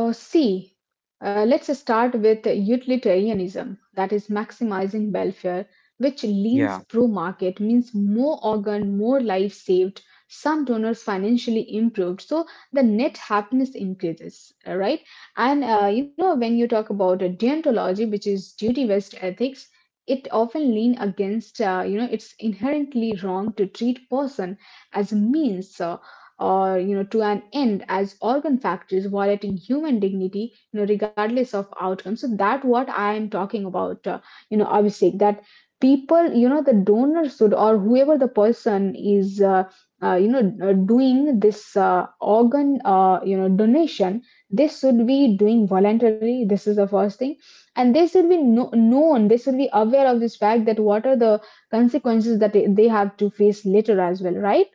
[SPEAKER 1] See, let's start with utilitarianism, that is maximizing welfare, which leans
[SPEAKER 2] Yeah,
[SPEAKER 1] pro market, means more organ, more life saved, some donors financially improved. So the net happiness increases, right? And you know, when you talk about deontology, which is duty based ethics, it often lean against, you know, it's inherently wrong to treat person as a means. Or you know, to an end, as organ factories, violating human dignity, you know, regardless of outcome. So that what I am talking about, you know, Abhishek, that people, you know, the donor should, or whoever the person is, you know, doing this organ, you know, donation, this should be doing voluntarily, this is the first thing. And they should be known, they should be aware of this fact, that what are the consequences that they have to face later as well, right?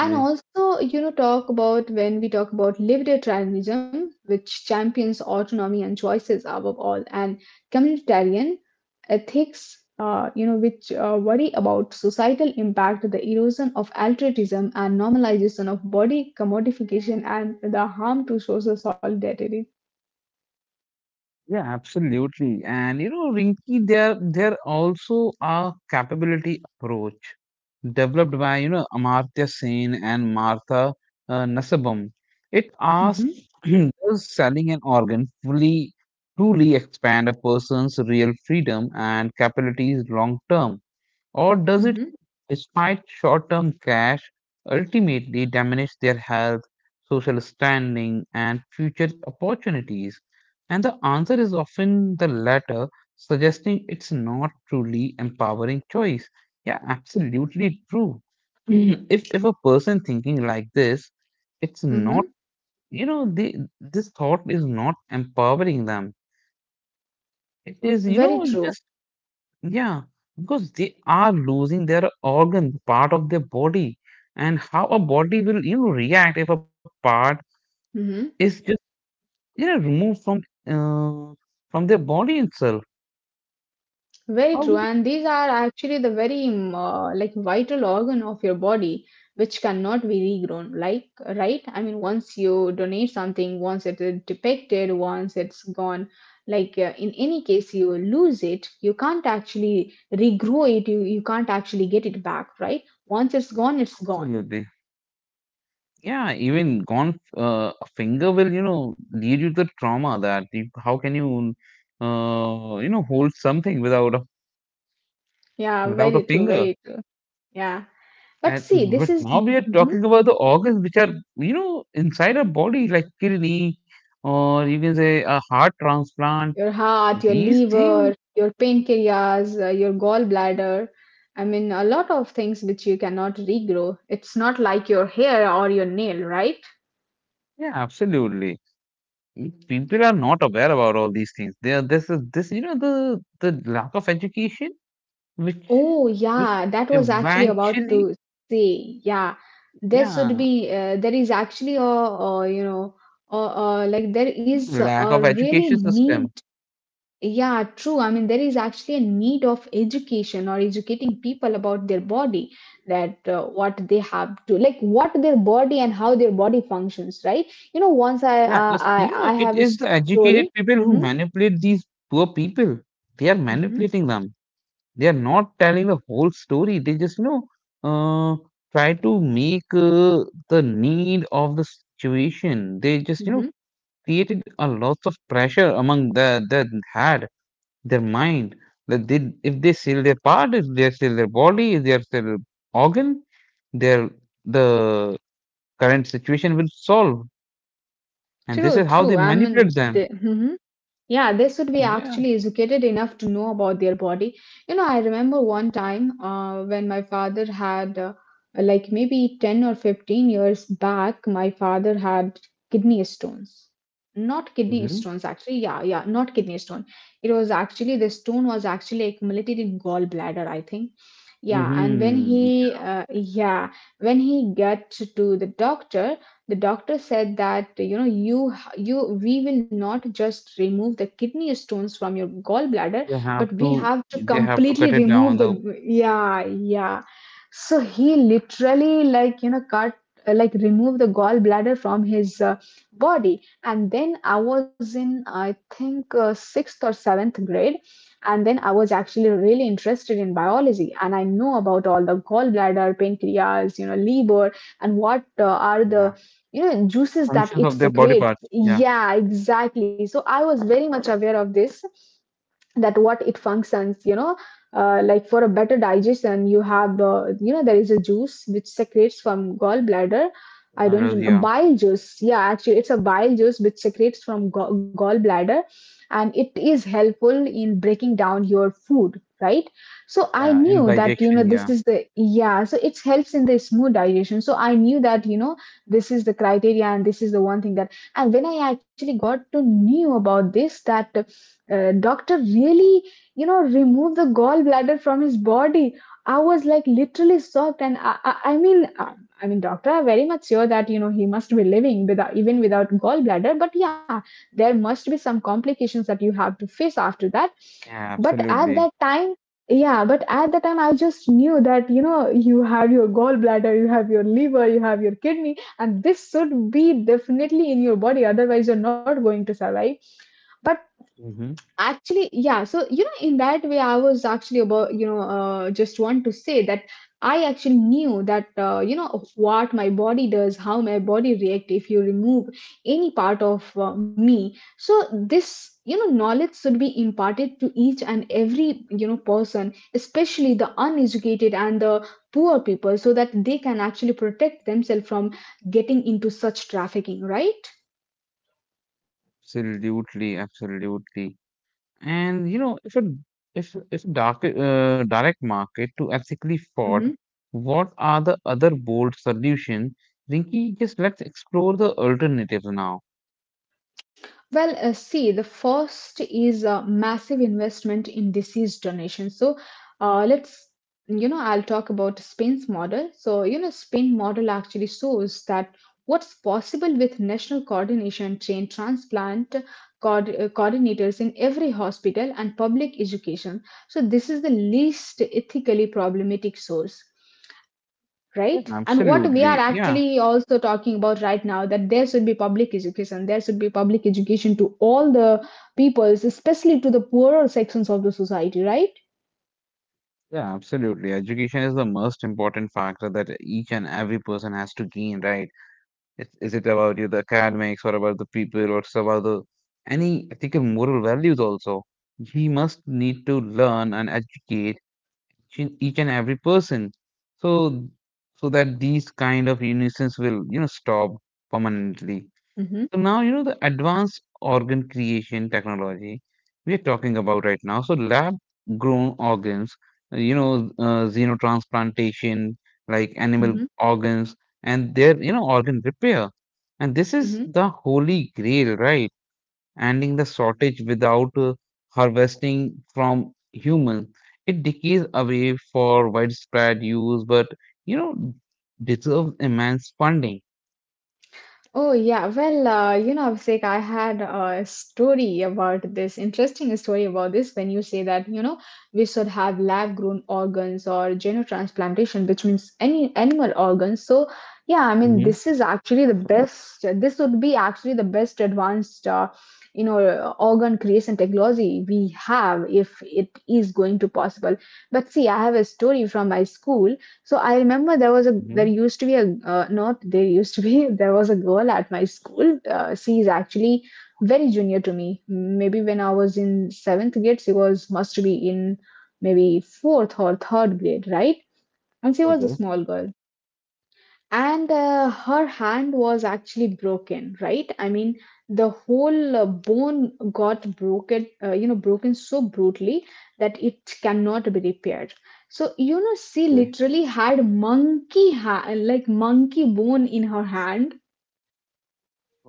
[SPEAKER 1] And also, you know, talk about, when we talk about libertarianism, which champions autonomy and choices above all, and communitarian ethics, you know, which worry about societal impact, the erosion of altruism, and normalization of body commodification, and the harm to social solidarity.
[SPEAKER 2] Yeah, absolutely. And you know, Rinki, there also a capability approach developed by you know Amartya Sen and Martha Nasabam. It asks,
[SPEAKER 1] hmm
[SPEAKER 2] does selling an organ fully truly expand a person's real freedom and capabilities long term? Or does
[SPEAKER 1] hmm
[SPEAKER 2] it, despite short term cash, ultimately diminish their health, social standing, and future opportunities? And the answer is often the latter, suggesting it's not truly empowering choice. Yeah, absolutely true. Mhm. If a person thinking like this, it's not,
[SPEAKER 1] hmm
[SPEAKER 2] you know, the, this thought is not empowering them. It is, you
[SPEAKER 1] Very
[SPEAKER 2] know,
[SPEAKER 1] true.
[SPEAKER 2] just yeah, because they are losing their organ, part of their body, and how a body will you know react if a part
[SPEAKER 1] hmm
[SPEAKER 2] is just you know removed uh, from their body itself.
[SPEAKER 1] Very
[SPEAKER 2] How
[SPEAKER 1] true,
[SPEAKER 2] do we
[SPEAKER 1] and these are actually the very like vital organ of your body, which cannot be regrown. Like, right? I mean, once you donate something, once it is depicted, once it's gone, like in any case, you lose it. You can't actually regrow it. You can't actually get it back, right? Once it's gone, it's gone.
[SPEAKER 2] absolutely? Yeah, even gone a finger will you know lead you to trauma, that you, how can you you know hold something
[SPEAKER 1] Yeah,
[SPEAKER 2] without
[SPEAKER 1] very
[SPEAKER 2] a
[SPEAKER 1] true,
[SPEAKER 2] finger?
[SPEAKER 1] very true. Yeah, but
[SPEAKER 2] And
[SPEAKER 1] see, this
[SPEAKER 2] but
[SPEAKER 1] is.
[SPEAKER 2] now we are
[SPEAKER 1] Mhm.
[SPEAKER 2] talking about the organs which are, you know, inside our body, like kidney, or you can say a heart transplant.
[SPEAKER 1] Your heart, your
[SPEAKER 2] These
[SPEAKER 1] liver,
[SPEAKER 2] things,
[SPEAKER 1] your pancreas, your gallbladder. I mean, a lot of things which you cannot regrow. It's not like your hair or your nail, right?
[SPEAKER 2] yeah, absolutely. People are not aware about all these things. They are this is this, you know, the lack of education, which
[SPEAKER 1] Oh,
[SPEAKER 2] which
[SPEAKER 1] yeah, that was actually about
[SPEAKER 2] eventually,
[SPEAKER 1] to say. Yeah, there should
[SPEAKER 2] yeah,
[SPEAKER 1] be, there is actually a you know, like there is
[SPEAKER 2] lack
[SPEAKER 1] a
[SPEAKER 2] of
[SPEAKER 1] really
[SPEAKER 2] education
[SPEAKER 1] need.
[SPEAKER 2] system.
[SPEAKER 1] Yeah, true. I mean, there is actually a need of education, or educating people about their body, that what they have to, like, what their body and how their body functions, right? You know, once I
[SPEAKER 2] Yeah,
[SPEAKER 1] I
[SPEAKER 2] it's, you
[SPEAKER 1] I I
[SPEAKER 2] know, it
[SPEAKER 1] have a
[SPEAKER 2] is the educated
[SPEAKER 1] story.
[SPEAKER 2] people
[SPEAKER 1] Mm-hmm,
[SPEAKER 2] who manipulate these poor people. They are
[SPEAKER 1] mm-hmm,
[SPEAKER 2] manipulating them. They are not telling the whole story. They just, you know, uh, try to make the need of the situation. They just,
[SPEAKER 1] mm-hmm.
[SPEAKER 2] you know, created a lot of pressure among the their head, their mind. That they, if they sell their part, if they sell their body, if they sell their organ, their the current situation will solve. And this
[SPEAKER 1] True,
[SPEAKER 2] is how
[SPEAKER 1] true.
[SPEAKER 2] they
[SPEAKER 1] I mean,
[SPEAKER 2] manipulate
[SPEAKER 1] the,
[SPEAKER 2] them.
[SPEAKER 1] mhm. Yeah, they should be actually
[SPEAKER 2] Yeah.
[SPEAKER 1] educated enough to know about their body. You know, I remember one time when my father had, like maybe 10 or 15 years back, my father had kidney stones. Not kidney stones,
[SPEAKER 2] Hmm.
[SPEAKER 1] actually. Yeah, yeah, not kidney stone. It was actually, the stone was actually accumulated in gallbladder, I think. Yeah, and when
[SPEAKER 2] Hmm.
[SPEAKER 1] he, when he got to the doctor said that you know you you we will not just remove the kidney stones from your gallbladder, but we have to
[SPEAKER 2] They have to
[SPEAKER 1] completely
[SPEAKER 2] cut it
[SPEAKER 1] remove
[SPEAKER 2] down. The
[SPEAKER 1] the, yeah yeah so he literally, cut, like, remove the gallbladder from his, body. And then I was in, I think, 6th or 7th grade, and then I was actually really interested in biology, and I know about all the gallbladder, pancreas, liver, and what are the,
[SPEAKER 2] yeah.
[SPEAKER 1] juices that
[SPEAKER 2] Functions
[SPEAKER 1] it
[SPEAKER 2] of their body
[SPEAKER 1] secretes.
[SPEAKER 2] parts. Yeah.
[SPEAKER 1] Yeah, exactly. So I was very much aware of this, that what it functions, like, for a better digestion you have, there is a juice which secretes from gallbladder. I don't
[SPEAKER 2] Marrows,
[SPEAKER 1] remember.
[SPEAKER 2] yeah.
[SPEAKER 1] Bile juice, yeah, actually it's a bile juice which secretes from gallbladder, and it is helpful in breaking down your food, right? So I
[SPEAKER 2] Yeah.
[SPEAKER 1] knew
[SPEAKER 2] And
[SPEAKER 1] that,
[SPEAKER 2] digestion.
[SPEAKER 1] this
[SPEAKER 2] Yeah.
[SPEAKER 1] is the, yeah, so it helps in the smooth digestion. So I knew that, this is the criteria and this is the one thing that. And when I actually got to knew about this, that doctor really, removed the gallbladder from his body, I was like literally shocked. And I mean, I mean, doctor, I'm very much sure that, he must be living without, even without, gallbladder, but yeah, there must be some complications that you have to face after that.
[SPEAKER 2] Yeah.
[SPEAKER 1] But at that
[SPEAKER 2] Absolutely.
[SPEAKER 1] time, yeah but at the time I just knew that, you have your gallbladder, you have your liver, you have your kidney, and this should be definitely in your body, otherwise you're not going to survive,
[SPEAKER 2] Hmm.
[SPEAKER 1] actually. Yeah, so in that way I was actually about, just want to say that I actually knew that, of what my body does, how my body react if you remove any part of, me. So this, knowledge should be imparted to each and every, person, especially the uneducated and the poor people, so that they can actually protect themselves from getting into such trafficking, right?
[SPEAKER 2] Absolutely. Absolutely. And you know, if a if dark direct market to ethically fought,
[SPEAKER 1] Mhm.
[SPEAKER 2] what are the other bold solution? Rinky, just let's explore the alternatives now.
[SPEAKER 1] Well, see, the first is a massive investment in disease donation. So, let's, I'll talk about Spain's model. So, Spain model actually shows that what's possible with national coordination, trained transplant coordinators in every hospital, and public education. So, this is the least ethically problematic source,
[SPEAKER 2] Yeah,
[SPEAKER 1] right? And what we are
[SPEAKER 2] absolutely. Yeah.
[SPEAKER 1] actually also talking about right now, that there should be public education, there should be public education to all the peoples, especially to the poorer sections of the society, right?
[SPEAKER 2] Yeah, absolutely. Education is the most important factor that each and every person has to gain, right? It's, is it about you, the academics, or about the people, or it's about the any ethical moral values also? He must need to learn and educate each and every person, so so that these kind of nuisance will stop permanently.
[SPEAKER 1] Mm-hmm,
[SPEAKER 2] So now, you know, the advanced organ creation technology we are talking about right now. So lab grown organs, xenotransplantation, like animal
[SPEAKER 1] mm-hmm,
[SPEAKER 2] organs and their, you know, organ repair. And this is
[SPEAKER 1] mm-hmm.
[SPEAKER 2] the holy grail, right? Ending the shortage without harvesting from human. It decays away for widespread use, but, you know, deserves immense funding.
[SPEAKER 1] Oh, yeah. Well, Abhishek, I had a story about this, interesting story about this, when you say that, we should have lab-grown organs or transplantation, which means any animal organs. So, yeah, I mean,
[SPEAKER 2] hmm
[SPEAKER 1] this would be actually the best advanced, organ creation technology we have, if it is going to possible. But see, I have a story from my school. So I remember there was a there
[SPEAKER 2] hmm
[SPEAKER 1] used to be a not there used to be there was a girl at my school. She is actually very junior to me. Maybe when I was in seventh grade, she was must be in maybe fourth or third grade, right? And she was a
[SPEAKER 2] Okay.
[SPEAKER 1] small girl, and her hand was actually broken, right? I mean, the whole bone got broken, broken so brutally that it cannot be repaired. So she literally had like monkey bone in her hand.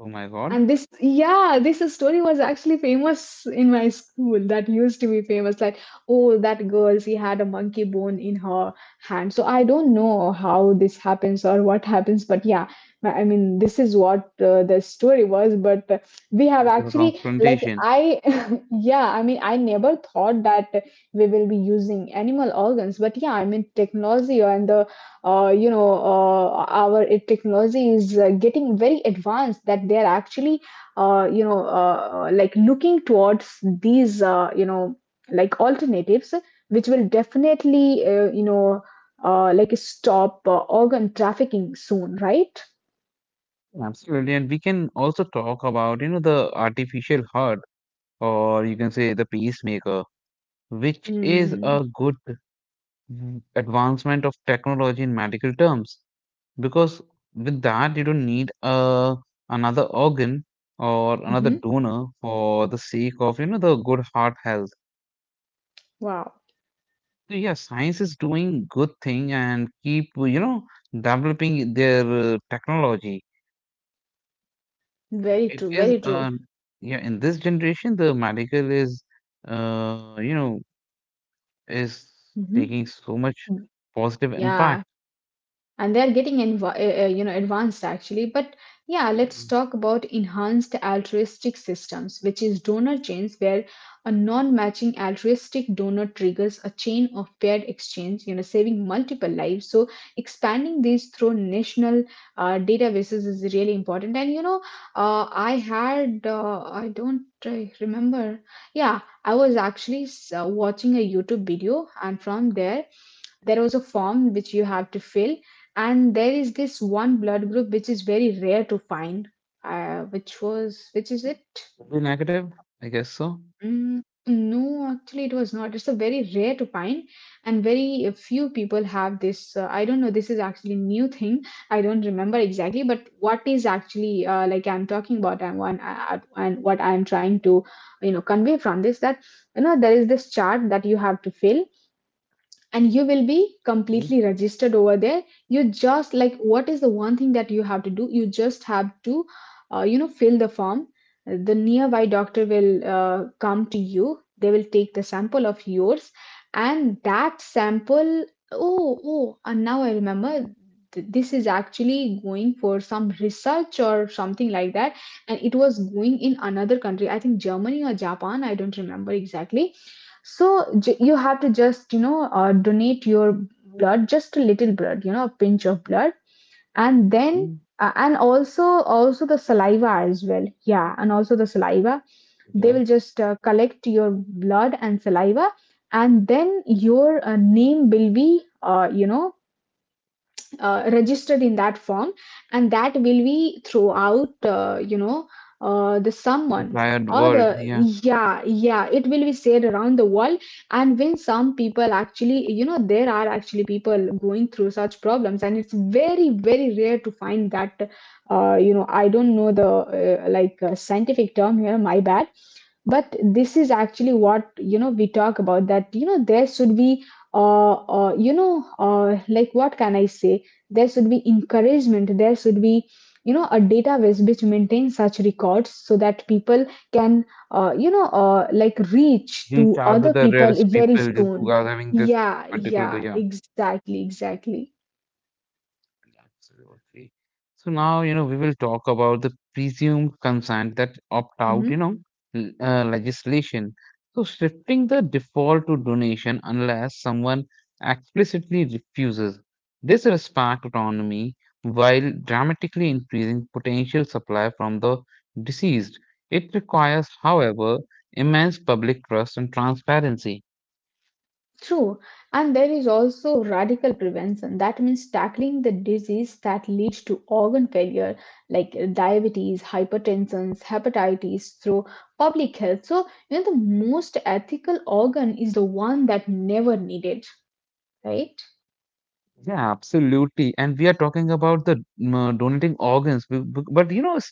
[SPEAKER 2] Oh my God,
[SPEAKER 1] And this, yeah, this story was actually famous in my school. That used to be famous. Like, oh, that girl, she had a monkey bone in her hand. So I don't know how this happens or what happens, but yeah, I mean, this is what the story was. But we have
[SPEAKER 2] zero
[SPEAKER 1] actually, like,
[SPEAKER 2] transplantation.
[SPEAKER 1] I, yeah, I mean, I never thought that we will be using animal organs, but yeah, I mean, technology and the, our technology is, getting very advanced, that they are actually, like, looking towards these, like alternatives, which will definitely, like stop, organ trafficking soon, right?
[SPEAKER 2] Absolutely. And we can also talk about, you know, the artificial heart, or you can say the pacemaker, which is
[SPEAKER 1] Mm-hmm.
[SPEAKER 2] a good advancement of technology in medical terms. Because with that, you don't need a another organ or another donor for the sake of, you know, the good heart health.
[SPEAKER 1] Wow.
[SPEAKER 2] So yeah, science is doing good thing and keep, you know, developing their technology. So
[SPEAKER 1] Very
[SPEAKER 2] it
[SPEAKER 1] true,
[SPEAKER 2] is,
[SPEAKER 1] very true.
[SPEAKER 2] yeah, in this generation, the medical is, uh, you know, is
[SPEAKER 1] Hmm.
[SPEAKER 2] taking so much positive
[SPEAKER 1] Yeah,
[SPEAKER 2] impact.
[SPEAKER 1] and they are getting advanced actually. But yeah, let's talk about enhanced altruistic systems, which is donor chains, where a non-matching altruistic donor triggers a chain of paired exchange, saving multiple lives. So expanding these through national databases is really important. And I had, I don't, remember. Yeah, I was actually, watching a YouTube video, and from there there was a form which you have to fill, and there is this one blood group which is very rare to find, which is it?
[SPEAKER 2] Probably negative, I guess so.
[SPEAKER 1] Mm, no, actually it was not. It's a very rare to find, and very few people have this. I don't know, this is actually new thing, I don't remember exactly. But what is actually, like, I'm talking about, and one and what I'm trying to, convey from this, that there is this chart that you have to fill, and you will be
[SPEAKER 2] Mhm,
[SPEAKER 1] completely registered over there. You just, like, what is the one thing that you have to do? You just have to, fill the form. The nearby doctor will come to you, they will take the sample of yours, and that sample, oh, oh, and now I remember, this is actually going for some research or something like that. And it was going in another country, I think Germany or Japan, I don't remember exactly. So, you have to just, donate your blood, just a little blood, a pinch of blood, and then,
[SPEAKER 2] mhm.
[SPEAKER 1] and also, also the saliva as well. Yeah, and also the saliva. They
[SPEAKER 2] Okay.
[SPEAKER 1] will just collect your blood and saliva, and then your name will be, registered in that form, and that will be throughout, the someone,
[SPEAKER 2] Entire
[SPEAKER 1] or
[SPEAKER 2] world,
[SPEAKER 1] the,
[SPEAKER 2] yeah.
[SPEAKER 1] yeah, yeah, it will be said around the world. And when some people actually, there are actually people going through such problems, and it's very, very rare to find that, I don't know the, scientific term here, my bad. But this is actually what, we talk about, that there should be, what can I say, there should be encouragement, there should be, a database which maintains such records, so that people can, like, reach
[SPEAKER 2] Reach
[SPEAKER 1] to
[SPEAKER 2] out to
[SPEAKER 1] other
[SPEAKER 2] the
[SPEAKER 1] people
[SPEAKER 2] rarest
[SPEAKER 1] very
[SPEAKER 2] people who
[SPEAKER 1] soon.
[SPEAKER 2] are having this
[SPEAKER 1] Yeah,
[SPEAKER 2] particular,
[SPEAKER 1] yeah,
[SPEAKER 2] yeah.
[SPEAKER 1] exactly, exactly.
[SPEAKER 2] Absolutely. So now, you know, we will talk about the presumed consent that opt out, you
[SPEAKER 1] Mhm.
[SPEAKER 2] know, legislation. So shifting the default to donation unless someone explicitly refuses. This respect autonomy while dramatically increasing potential supply from the deceased. It requires, however, immense public trust and transparency.
[SPEAKER 1] True, and there is also radical prevention. That means tackling the disease that leads to organ failure, like diabetes, hypertension, hepatitis, through public health. So, the most ethical organ is the one that never needed, right?
[SPEAKER 2] Yeah, absolutely. And we are talking about the donating organs, but you know, s-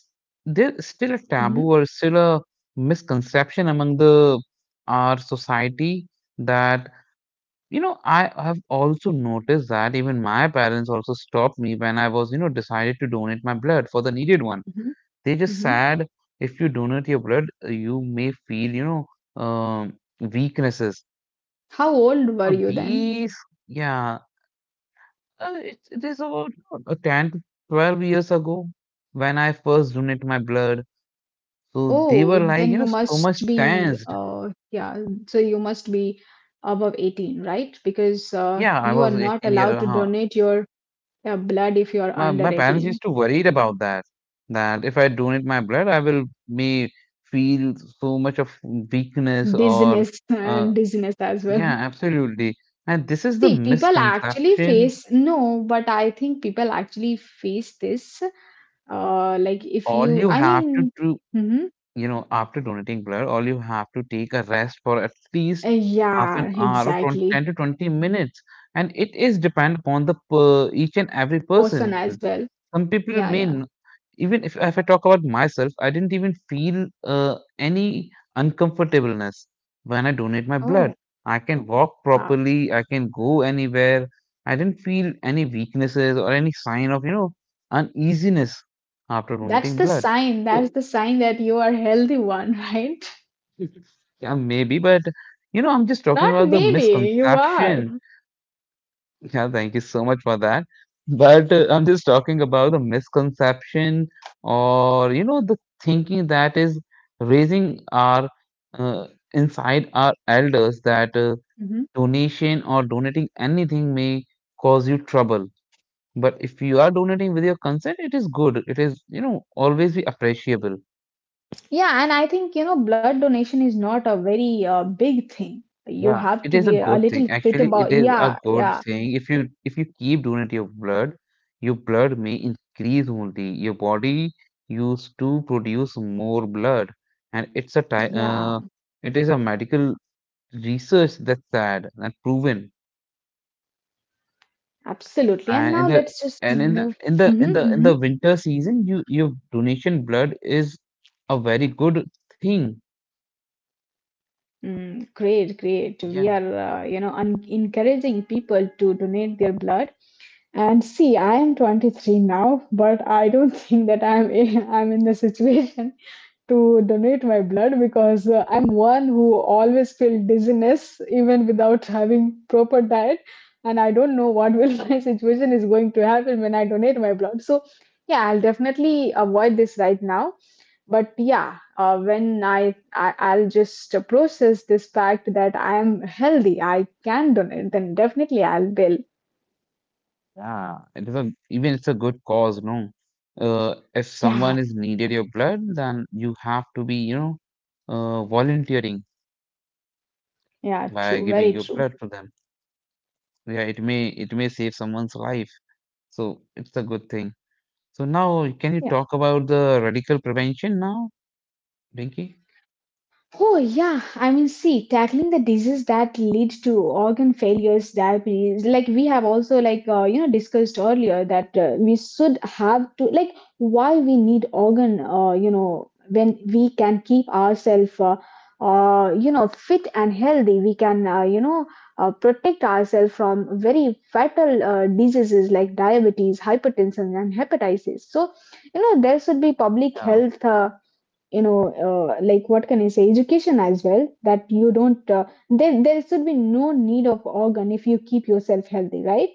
[SPEAKER 2] there's still a
[SPEAKER 1] Hmm.
[SPEAKER 2] taboo or still a misconception among the our society that you know I have also noticed that even my parents also stopped me when I was you know decided to donate my blood for the needed one.
[SPEAKER 1] Hmm.
[SPEAKER 2] They just
[SPEAKER 1] Hmm.
[SPEAKER 2] said if you donate your blood, you may feel um, weaknesses.
[SPEAKER 1] How old
[SPEAKER 2] So
[SPEAKER 1] were you then?
[SPEAKER 2] these, yeah. It is about 10 to 12 years ago when I first donated my blood. So they were
[SPEAKER 1] Oh,
[SPEAKER 2] like, you
[SPEAKER 1] then
[SPEAKER 2] know,
[SPEAKER 1] you
[SPEAKER 2] so much
[SPEAKER 1] must be,
[SPEAKER 2] tensed.
[SPEAKER 1] so you must be above 18, right? Because
[SPEAKER 2] Yeah, I
[SPEAKER 1] you are
[SPEAKER 2] was
[SPEAKER 1] not
[SPEAKER 2] 18 year.
[SPEAKER 1] allowed to donate your, yeah, blood if you're under
[SPEAKER 2] My parents used
[SPEAKER 1] 18.
[SPEAKER 2] to worried about that. That if I donate my blood, I will may feel so much of weakness or,
[SPEAKER 1] Dizziness
[SPEAKER 2] uh,
[SPEAKER 1] and dizziness as
[SPEAKER 2] yeah,
[SPEAKER 1] well.
[SPEAKER 2] absolutely. And this is the
[SPEAKER 1] See, people actually
[SPEAKER 2] misconception.
[SPEAKER 1] face, no, but I think people actually face this. Like if
[SPEAKER 2] All
[SPEAKER 1] you,
[SPEAKER 2] you
[SPEAKER 1] I
[SPEAKER 2] have to
[SPEAKER 1] mean,
[SPEAKER 2] do
[SPEAKER 1] mm-hmm.
[SPEAKER 2] you know, after donating blood, all you have to take a rest for at least half
[SPEAKER 1] Yeah,
[SPEAKER 2] an hour or 20,
[SPEAKER 1] exactly.
[SPEAKER 2] 10 to 20 minutes. And it is depend upon the per, each and every
[SPEAKER 1] Person
[SPEAKER 2] person.
[SPEAKER 1] as well.
[SPEAKER 2] Some people may,
[SPEAKER 1] Yeah,
[SPEAKER 2] n-
[SPEAKER 1] yeah.
[SPEAKER 2] even if I talk about myself, I didn't even feel any uncomfortableness when I donate my blood.
[SPEAKER 1] Oh,
[SPEAKER 2] I can walk
[SPEAKER 1] wow.
[SPEAKER 2] properly, I can go anywhere. I didn't feel any weaknesses or any sign of, you know, uneasiness after
[SPEAKER 1] That's
[SPEAKER 2] donating
[SPEAKER 1] the
[SPEAKER 2] blood.
[SPEAKER 1] sign. That's
[SPEAKER 2] So
[SPEAKER 1] the sign that you are healthy one, right?
[SPEAKER 2] yeah, maybe, but you know, I'm just talking
[SPEAKER 1] Not
[SPEAKER 2] about the
[SPEAKER 1] maybe, you are.
[SPEAKER 2] misconception. Yeah, thank you so much for that. But I'm just talking about the misconception or, you know, the thinking that is raising our uh, inside our elders that
[SPEAKER 1] Mhm.
[SPEAKER 2] donation or donating anything may cause you trouble. But if you are donating with your consent, it is good. It is, you know, always be appreciable.
[SPEAKER 1] Yeah, and I think, blood donation is not a very big thing. You
[SPEAKER 2] Yeah,
[SPEAKER 1] have
[SPEAKER 2] it
[SPEAKER 1] to
[SPEAKER 2] is a
[SPEAKER 1] be a
[SPEAKER 2] good thing.
[SPEAKER 1] little fit
[SPEAKER 2] Actually, it
[SPEAKER 1] about.
[SPEAKER 2] is a
[SPEAKER 1] Yeah,
[SPEAKER 2] good
[SPEAKER 1] yeah,
[SPEAKER 2] thing. If you keep donate your blood may increase only. Your body used to produce more blood, and
[SPEAKER 1] yeah,
[SPEAKER 2] it is a medical research that's sad and proven.
[SPEAKER 1] absolutely. And now
[SPEAKER 2] And in
[SPEAKER 1] let's
[SPEAKER 2] the
[SPEAKER 1] just
[SPEAKER 2] and in
[SPEAKER 1] move.
[SPEAKER 2] the
[SPEAKER 1] Mm-hmm, mm-hmm.
[SPEAKER 2] in the winter season, you your donation blood is a very good thing.
[SPEAKER 1] Mm, great, great. We
[SPEAKER 2] Yeah.
[SPEAKER 1] are, un encouraging people to donate their blood. And see, I am 23 now, but I don't think that I'm in the situation to donate my blood, because I'm one who always feel dizziness even without having proper diet, and I don't know what will my situation is going to happen when I donate my blood. So yeah, I'll definitely avoid this right now. But yeah, when I I'll just process this fact that I am healthy, I can donate, then definitely I'll will.
[SPEAKER 2] Yeah, it is a even it's a good cause, no. If someone
[SPEAKER 1] Yeah,
[SPEAKER 2] is needed your blood, then you have to be, you know, volunteering
[SPEAKER 1] yeah,
[SPEAKER 2] by
[SPEAKER 1] true,
[SPEAKER 2] giving
[SPEAKER 1] very
[SPEAKER 2] your blood
[SPEAKER 1] true.
[SPEAKER 2] to them. Yeah, it may save someone's life, so it's a good thing. So now, can you
[SPEAKER 1] Yeah.
[SPEAKER 2] talk about the radical prevention now, Dinky?
[SPEAKER 1] Oh, yeah. I mean, see, tackling the disease that lead to organ failures, diabetes, like we have also like, discussed earlier, that we should have to like, why we need organ, when we can keep ourselves, fit and healthy, we can, protect ourselves from very fatal diseases like diabetes, hypertension, and hepatitis. So, there should be public
[SPEAKER 2] Yeah.
[SPEAKER 1] health. You know like, what can I say, education as well, that you don't, then there should be no need of organ if you keep yourself healthy, right?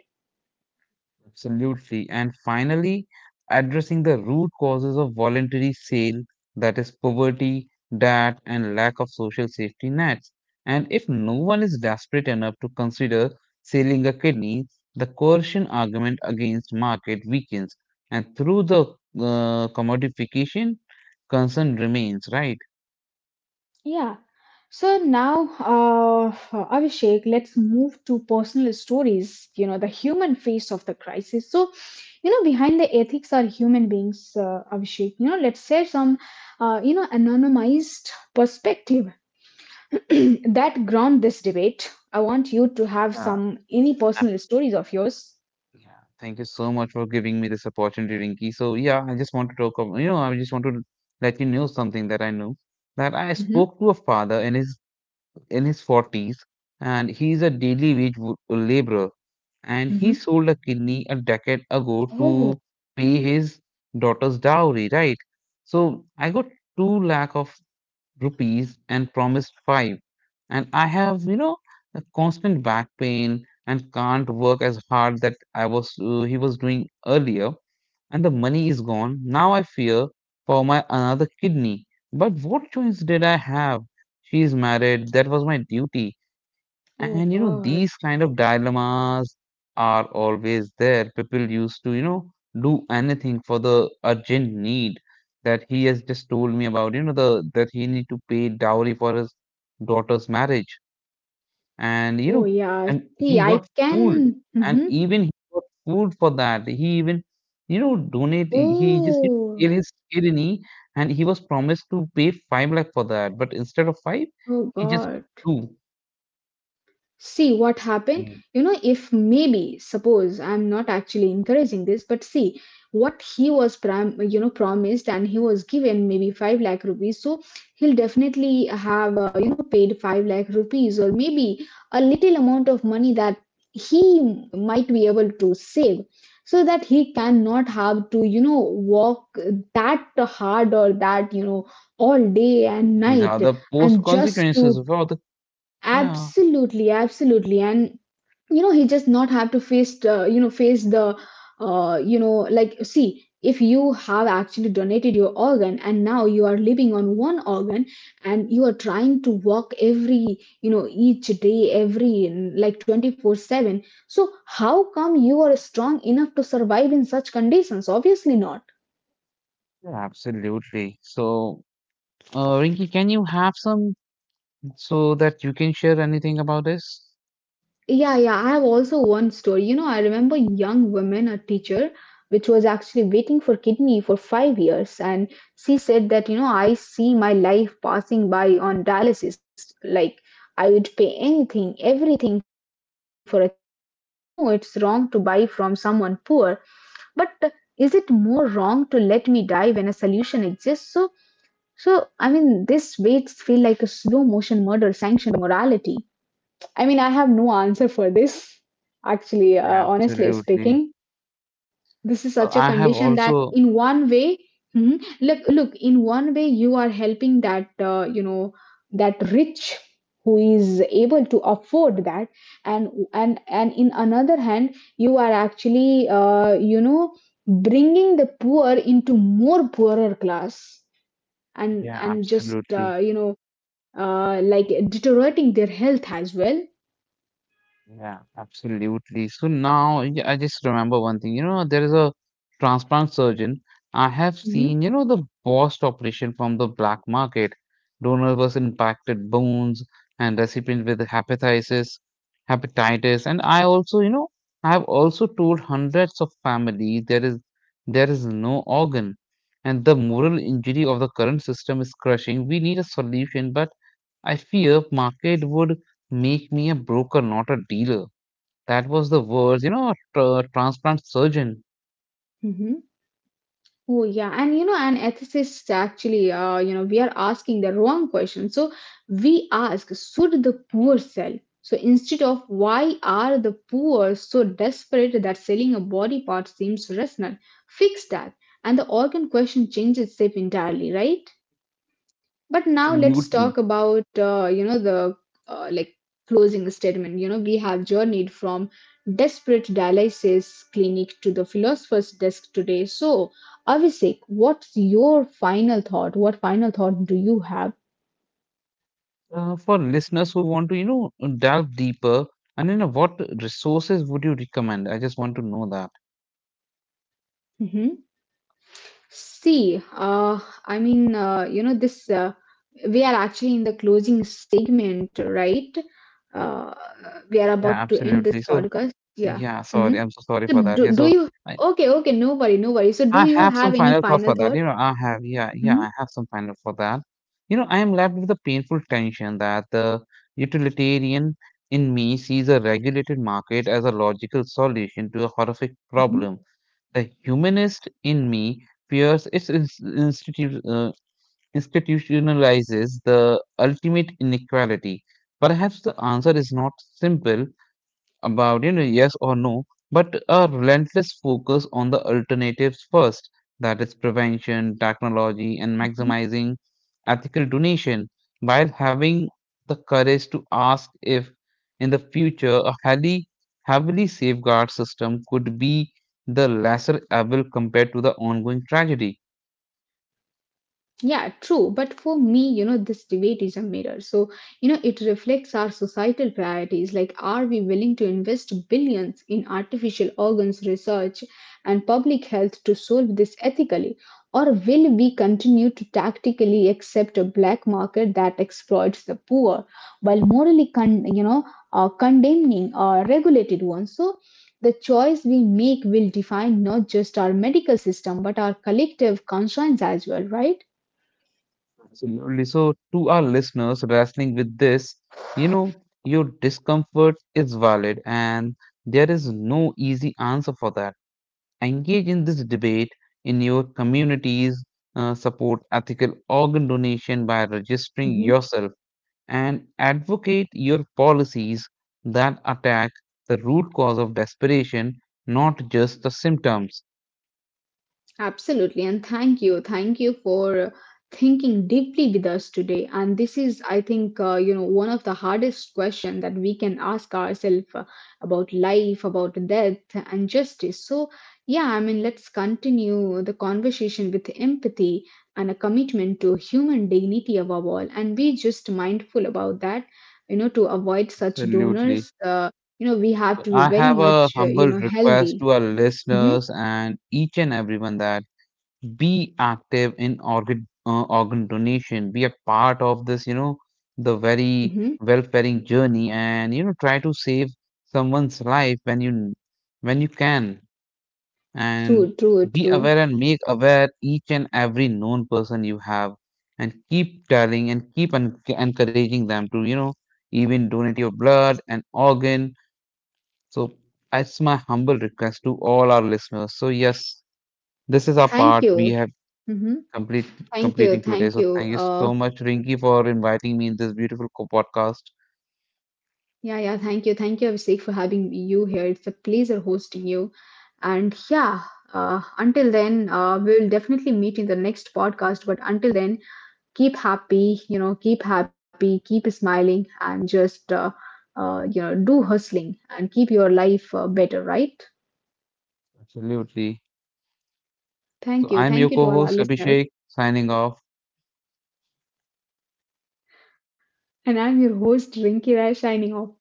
[SPEAKER 2] Absolutely. And finally, addressing the root causes of voluntary sale, that is poverty, debt, and lack of social safety nets. And if no one is desperate enough to consider selling a kidney, the coercion argument against market weakens. And through the commodification, concern remains, right?
[SPEAKER 1] Yeah. So now, Abhishek, let's move to personal stories. The human face of the crisis. So, behind the ethics are human beings. Abhishek, let's share some anonymized perspective that ground this debate. I want you to have
[SPEAKER 2] Uh,
[SPEAKER 1] some any personal stories of yours.
[SPEAKER 2] yeah, thank you so much for giving me this opportunity, Rinky. So yeah, I just want to talk about, you know, I just want to let you know something that I know that I
[SPEAKER 1] Hmm.
[SPEAKER 2] spoke to a father in his 40s, and he's a daily wage wo- laborer, and he
[SPEAKER 1] Hmm.
[SPEAKER 2] sold a kidney a decade ago
[SPEAKER 1] Oh,
[SPEAKER 2] to pay his daughter's dowry, right? So I got 2 lakh of rupees and promised five. And I have, you know, a constant back pain and can't work as hard that I was he was doing earlier. And the money is gone. Now I fear for my another kidney. But what choice did I have? She's married. That was my duty.
[SPEAKER 1] oh
[SPEAKER 2] And you know,
[SPEAKER 1] God.
[SPEAKER 2] these kind of dilemmas are always there. People used to, you know, do anything for the urgent need that he has just told me about, you know, the that he need to pay dowry for his daughter's marriage. And you
[SPEAKER 1] Oh
[SPEAKER 2] know,
[SPEAKER 1] yeah.
[SPEAKER 2] and
[SPEAKER 1] See,
[SPEAKER 2] he
[SPEAKER 1] I
[SPEAKER 2] got fooled.
[SPEAKER 1] can.
[SPEAKER 2] And
[SPEAKER 1] Hmm.
[SPEAKER 2] even he got fooled for that. He even, you know, donate he just
[SPEAKER 1] Oh,
[SPEAKER 2] did his kidney, and he was promised to pay 5 lakh for that. But instead of five,
[SPEAKER 1] oh
[SPEAKER 2] he just got
[SPEAKER 1] God.
[SPEAKER 2] two.
[SPEAKER 1] See what happened. If maybe, suppose, I'm not actually encouraging this, but see what he was promised, and he was given maybe 5 lakh rupees. So he'll definitely have paid 5 lakh rupees, or maybe a little amount of money that he might be able to save, so that he cannot have to, walk that hard, or that, all day and
[SPEAKER 2] These are
[SPEAKER 1] night.
[SPEAKER 2] the post
[SPEAKER 1] And just
[SPEAKER 2] consequences
[SPEAKER 1] to
[SPEAKER 2] of all the. Yeah,
[SPEAKER 1] absolutely, absolutely. And he just not have to face, face the, like, see, if you have actually donated your organ, and now you are living on one organ, and you are trying to walk every, each day, every, like, 24/7, so how come you are strong enough to survive in such conditions? Obviously not.
[SPEAKER 2] yeah, absolutely. So, Rinky, can you have some so that you can share anything about this?
[SPEAKER 1] Yeah, yeah. I have also one story. I remember young women, a teacher, which was actually waiting for kidney for 5 years, and she said that I see my life passing by on dialysis. Like, I would pay anything, everything for a chance, and I know it's wrong to buy from someone poor, but is it more wrong to let me die when a solution exists? So, I mean, this waits feel like a slow motion murder sanctioned by morality. I mean, I have no answer for this, actually,
[SPEAKER 2] Yeah,
[SPEAKER 1] honestly
[SPEAKER 2] absolutely.
[SPEAKER 1] speaking. This is
[SPEAKER 2] So,
[SPEAKER 1] such a
[SPEAKER 2] I have
[SPEAKER 1] condition that,
[SPEAKER 2] also.
[SPEAKER 1] in one way, Mhm. Look, look, in one way, you are helping that, that rich, who is able to afford that, and in another hand, you are actually, bringing the poor into more poorer class, and
[SPEAKER 2] Yeah,
[SPEAKER 1] and just,
[SPEAKER 2] absolutely.
[SPEAKER 1] like, deteriorating their health as well.
[SPEAKER 2] Yeah, absolutely. So now yeah, I just remember one thing. You know, there is a transplant surgeon, I have seen, you know, the worst operation from the black market. Donor was impacted bones and recipient with hepatitis, hepatitis. And I also, you know, I have also told hundreds of families there is no organ. And the moral injury of the current system is crushing. We need a solution, but I fear market would make me a broker, not a dealer. That was the words, you know, a transplant surgeon.
[SPEAKER 1] Hmm. Oh yeah, and an ethicist actually, we are asking the wrong question. So we ask, should the poor sell? So instead of, why are the poor so desperate that selling a body part seems rational? Fix that, and the organ question changes shape entirely, right? But now let's
[SPEAKER 2] Absolutely.
[SPEAKER 1] talk about the uh, like closing statement. We have journeyed from desperate dialysis clinic to the philosopher's desk today. So Abhishek, what's your final thought? What final thought do you have?
[SPEAKER 2] For listeners who want to, you know, delve deeper, and you know, what resources would you recommend? I just want to know that.
[SPEAKER 1] Hmm. See, I mean, this. We are actually in the closing segment, right? Uh, we are
[SPEAKER 2] Yeah,
[SPEAKER 1] about to end this
[SPEAKER 2] absolutely. So,
[SPEAKER 1] podcast. Yeah.
[SPEAKER 2] yeah,
[SPEAKER 1] Hmm.
[SPEAKER 2] sorry, I'm so sorry
[SPEAKER 1] So
[SPEAKER 2] for that.
[SPEAKER 1] do,
[SPEAKER 2] Yeah,
[SPEAKER 1] do
[SPEAKER 2] so
[SPEAKER 1] you?
[SPEAKER 2] I,
[SPEAKER 1] Okay, okay, no worry, no worry. So do
[SPEAKER 2] I
[SPEAKER 1] you
[SPEAKER 2] have
[SPEAKER 1] have
[SPEAKER 2] some
[SPEAKER 1] any
[SPEAKER 2] final
[SPEAKER 1] final
[SPEAKER 2] thoughts for
[SPEAKER 1] thought?
[SPEAKER 2] that. You know, I have,
[SPEAKER 1] Mm-hmm.
[SPEAKER 2] yeah, I have some final for that. You know, I am left with a painful tension that the utilitarian in me sees a regulated market as a logical solution to a horrific
[SPEAKER 1] Mm-hmm.
[SPEAKER 2] problem. The humanist in me fears its institutionalizes the ultimate inequality? Perhaps the answer is not simple about you know yes or no, but a relentless focus on the alternatives first, that is prevention, technology, and
[SPEAKER 1] Mm-hmm.
[SPEAKER 2] maximizing ethical donation, while having the courage to ask if in the future a highly heavily safeguard system could be the lesser evil compared to the ongoing tragedy.
[SPEAKER 1] Yeah, true. But for me this debate is a mirror. So it reflects our societal priorities. Like, are we willing to invest billions in artificial organs research and public health to solve this ethically? Or will we continue to tactically accept a black market that exploits the poor, while morally, condemning regulated ones? So, the choice we make will define not just our medical system, but our collective conscience as well, right?
[SPEAKER 2] Absolutely. So, to our listeners wrestling with this, you know, your discomfort is valid and there is no easy answer for that. Engage in this debate in your communities, support ethical organ donation by registering
[SPEAKER 1] Mhm.
[SPEAKER 2] yourself, and advocate your policies that attack the root cause of desperation, not just the symptoms.
[SPEAKER 1] Absolutely. And thank you. Thank you for thinking deeply with us today. And this is, I think, one of the hardest questions that we can ask ourselves, about life, about death and justice. So, yeah, I mean, let's continue the conversation with empathy and a commitment to human dignity above all. And be just mindful about that to avoid such
[SPEAKER 2] Absolutely.
[SPEAKER 1] donors. We have to be
[SPEAKER 2] I
[SPEAKER 1] very
[SPEAKER 2] have a
[SPEAKER 1] much,
[SPEAKER 2] humble request
[SPEAKER 1] healthy.
[SPEAKER 2] to our
[SPEAKER 1] Hmm.
[SPEAKER 2] listeners and each and everyone that be active in organ donation. Be a part of this, you know, the very
[SPEAKER 1] Hmm.
[SPEAKER 2] welfaring journey, and you know, try to save someone's life when you can, and
[SPEAKER 1] True, true,
[SPEAKER 2] be
[SPEAKER 1] true.
[SPEAKER 2] aware and make aware each and every known person you have, and keep telling and keep en encouraging them to, you know, even donate your blood and organ so it's my humble request to all our listeners. So yes, this is our
[SPEAKER 1] Thank
[SPEAKER 2] part we
[SPEAKER 1] you.
[SPEAKER 2] have
[SPEAKER 1] Hmm.
[SPEAKER 2] complete
[SPEAKER 1] Thank
[SPEAKER 2] completing
[SPEAKER 1] you,
[SPEAKER 2] today.
[SPEAKER 1] thank
[SPEAKER 2] So thank
[SPEAKER 1] you.
[SPEAKER 2] you so much, Rinki, for inviting me in this beautiful co- podcast.
[SPEAKER 1] Yeah, yeah, thank you, Abhishek, for having you here. It's a pleasure hosting you. And yeah, until then, we will definitely meet in the next podcast. But until then, keep happy, you know, keep happy, keep smiling, and just, do hustling and keep your life, better, right?
[SPEAKER 2] Absolutely. So I'm
[SPEAKER 1] Thank
[SPEAKER 2] your
[SPEAKER 1] you to all our
[SPEAKER 2] co-host
[SPEAKER 1] listeners.
[SPEAKER 2] Abhishek, signing off.
[SPEAKER 1] And I'm your host, Rinki Rai, signing off.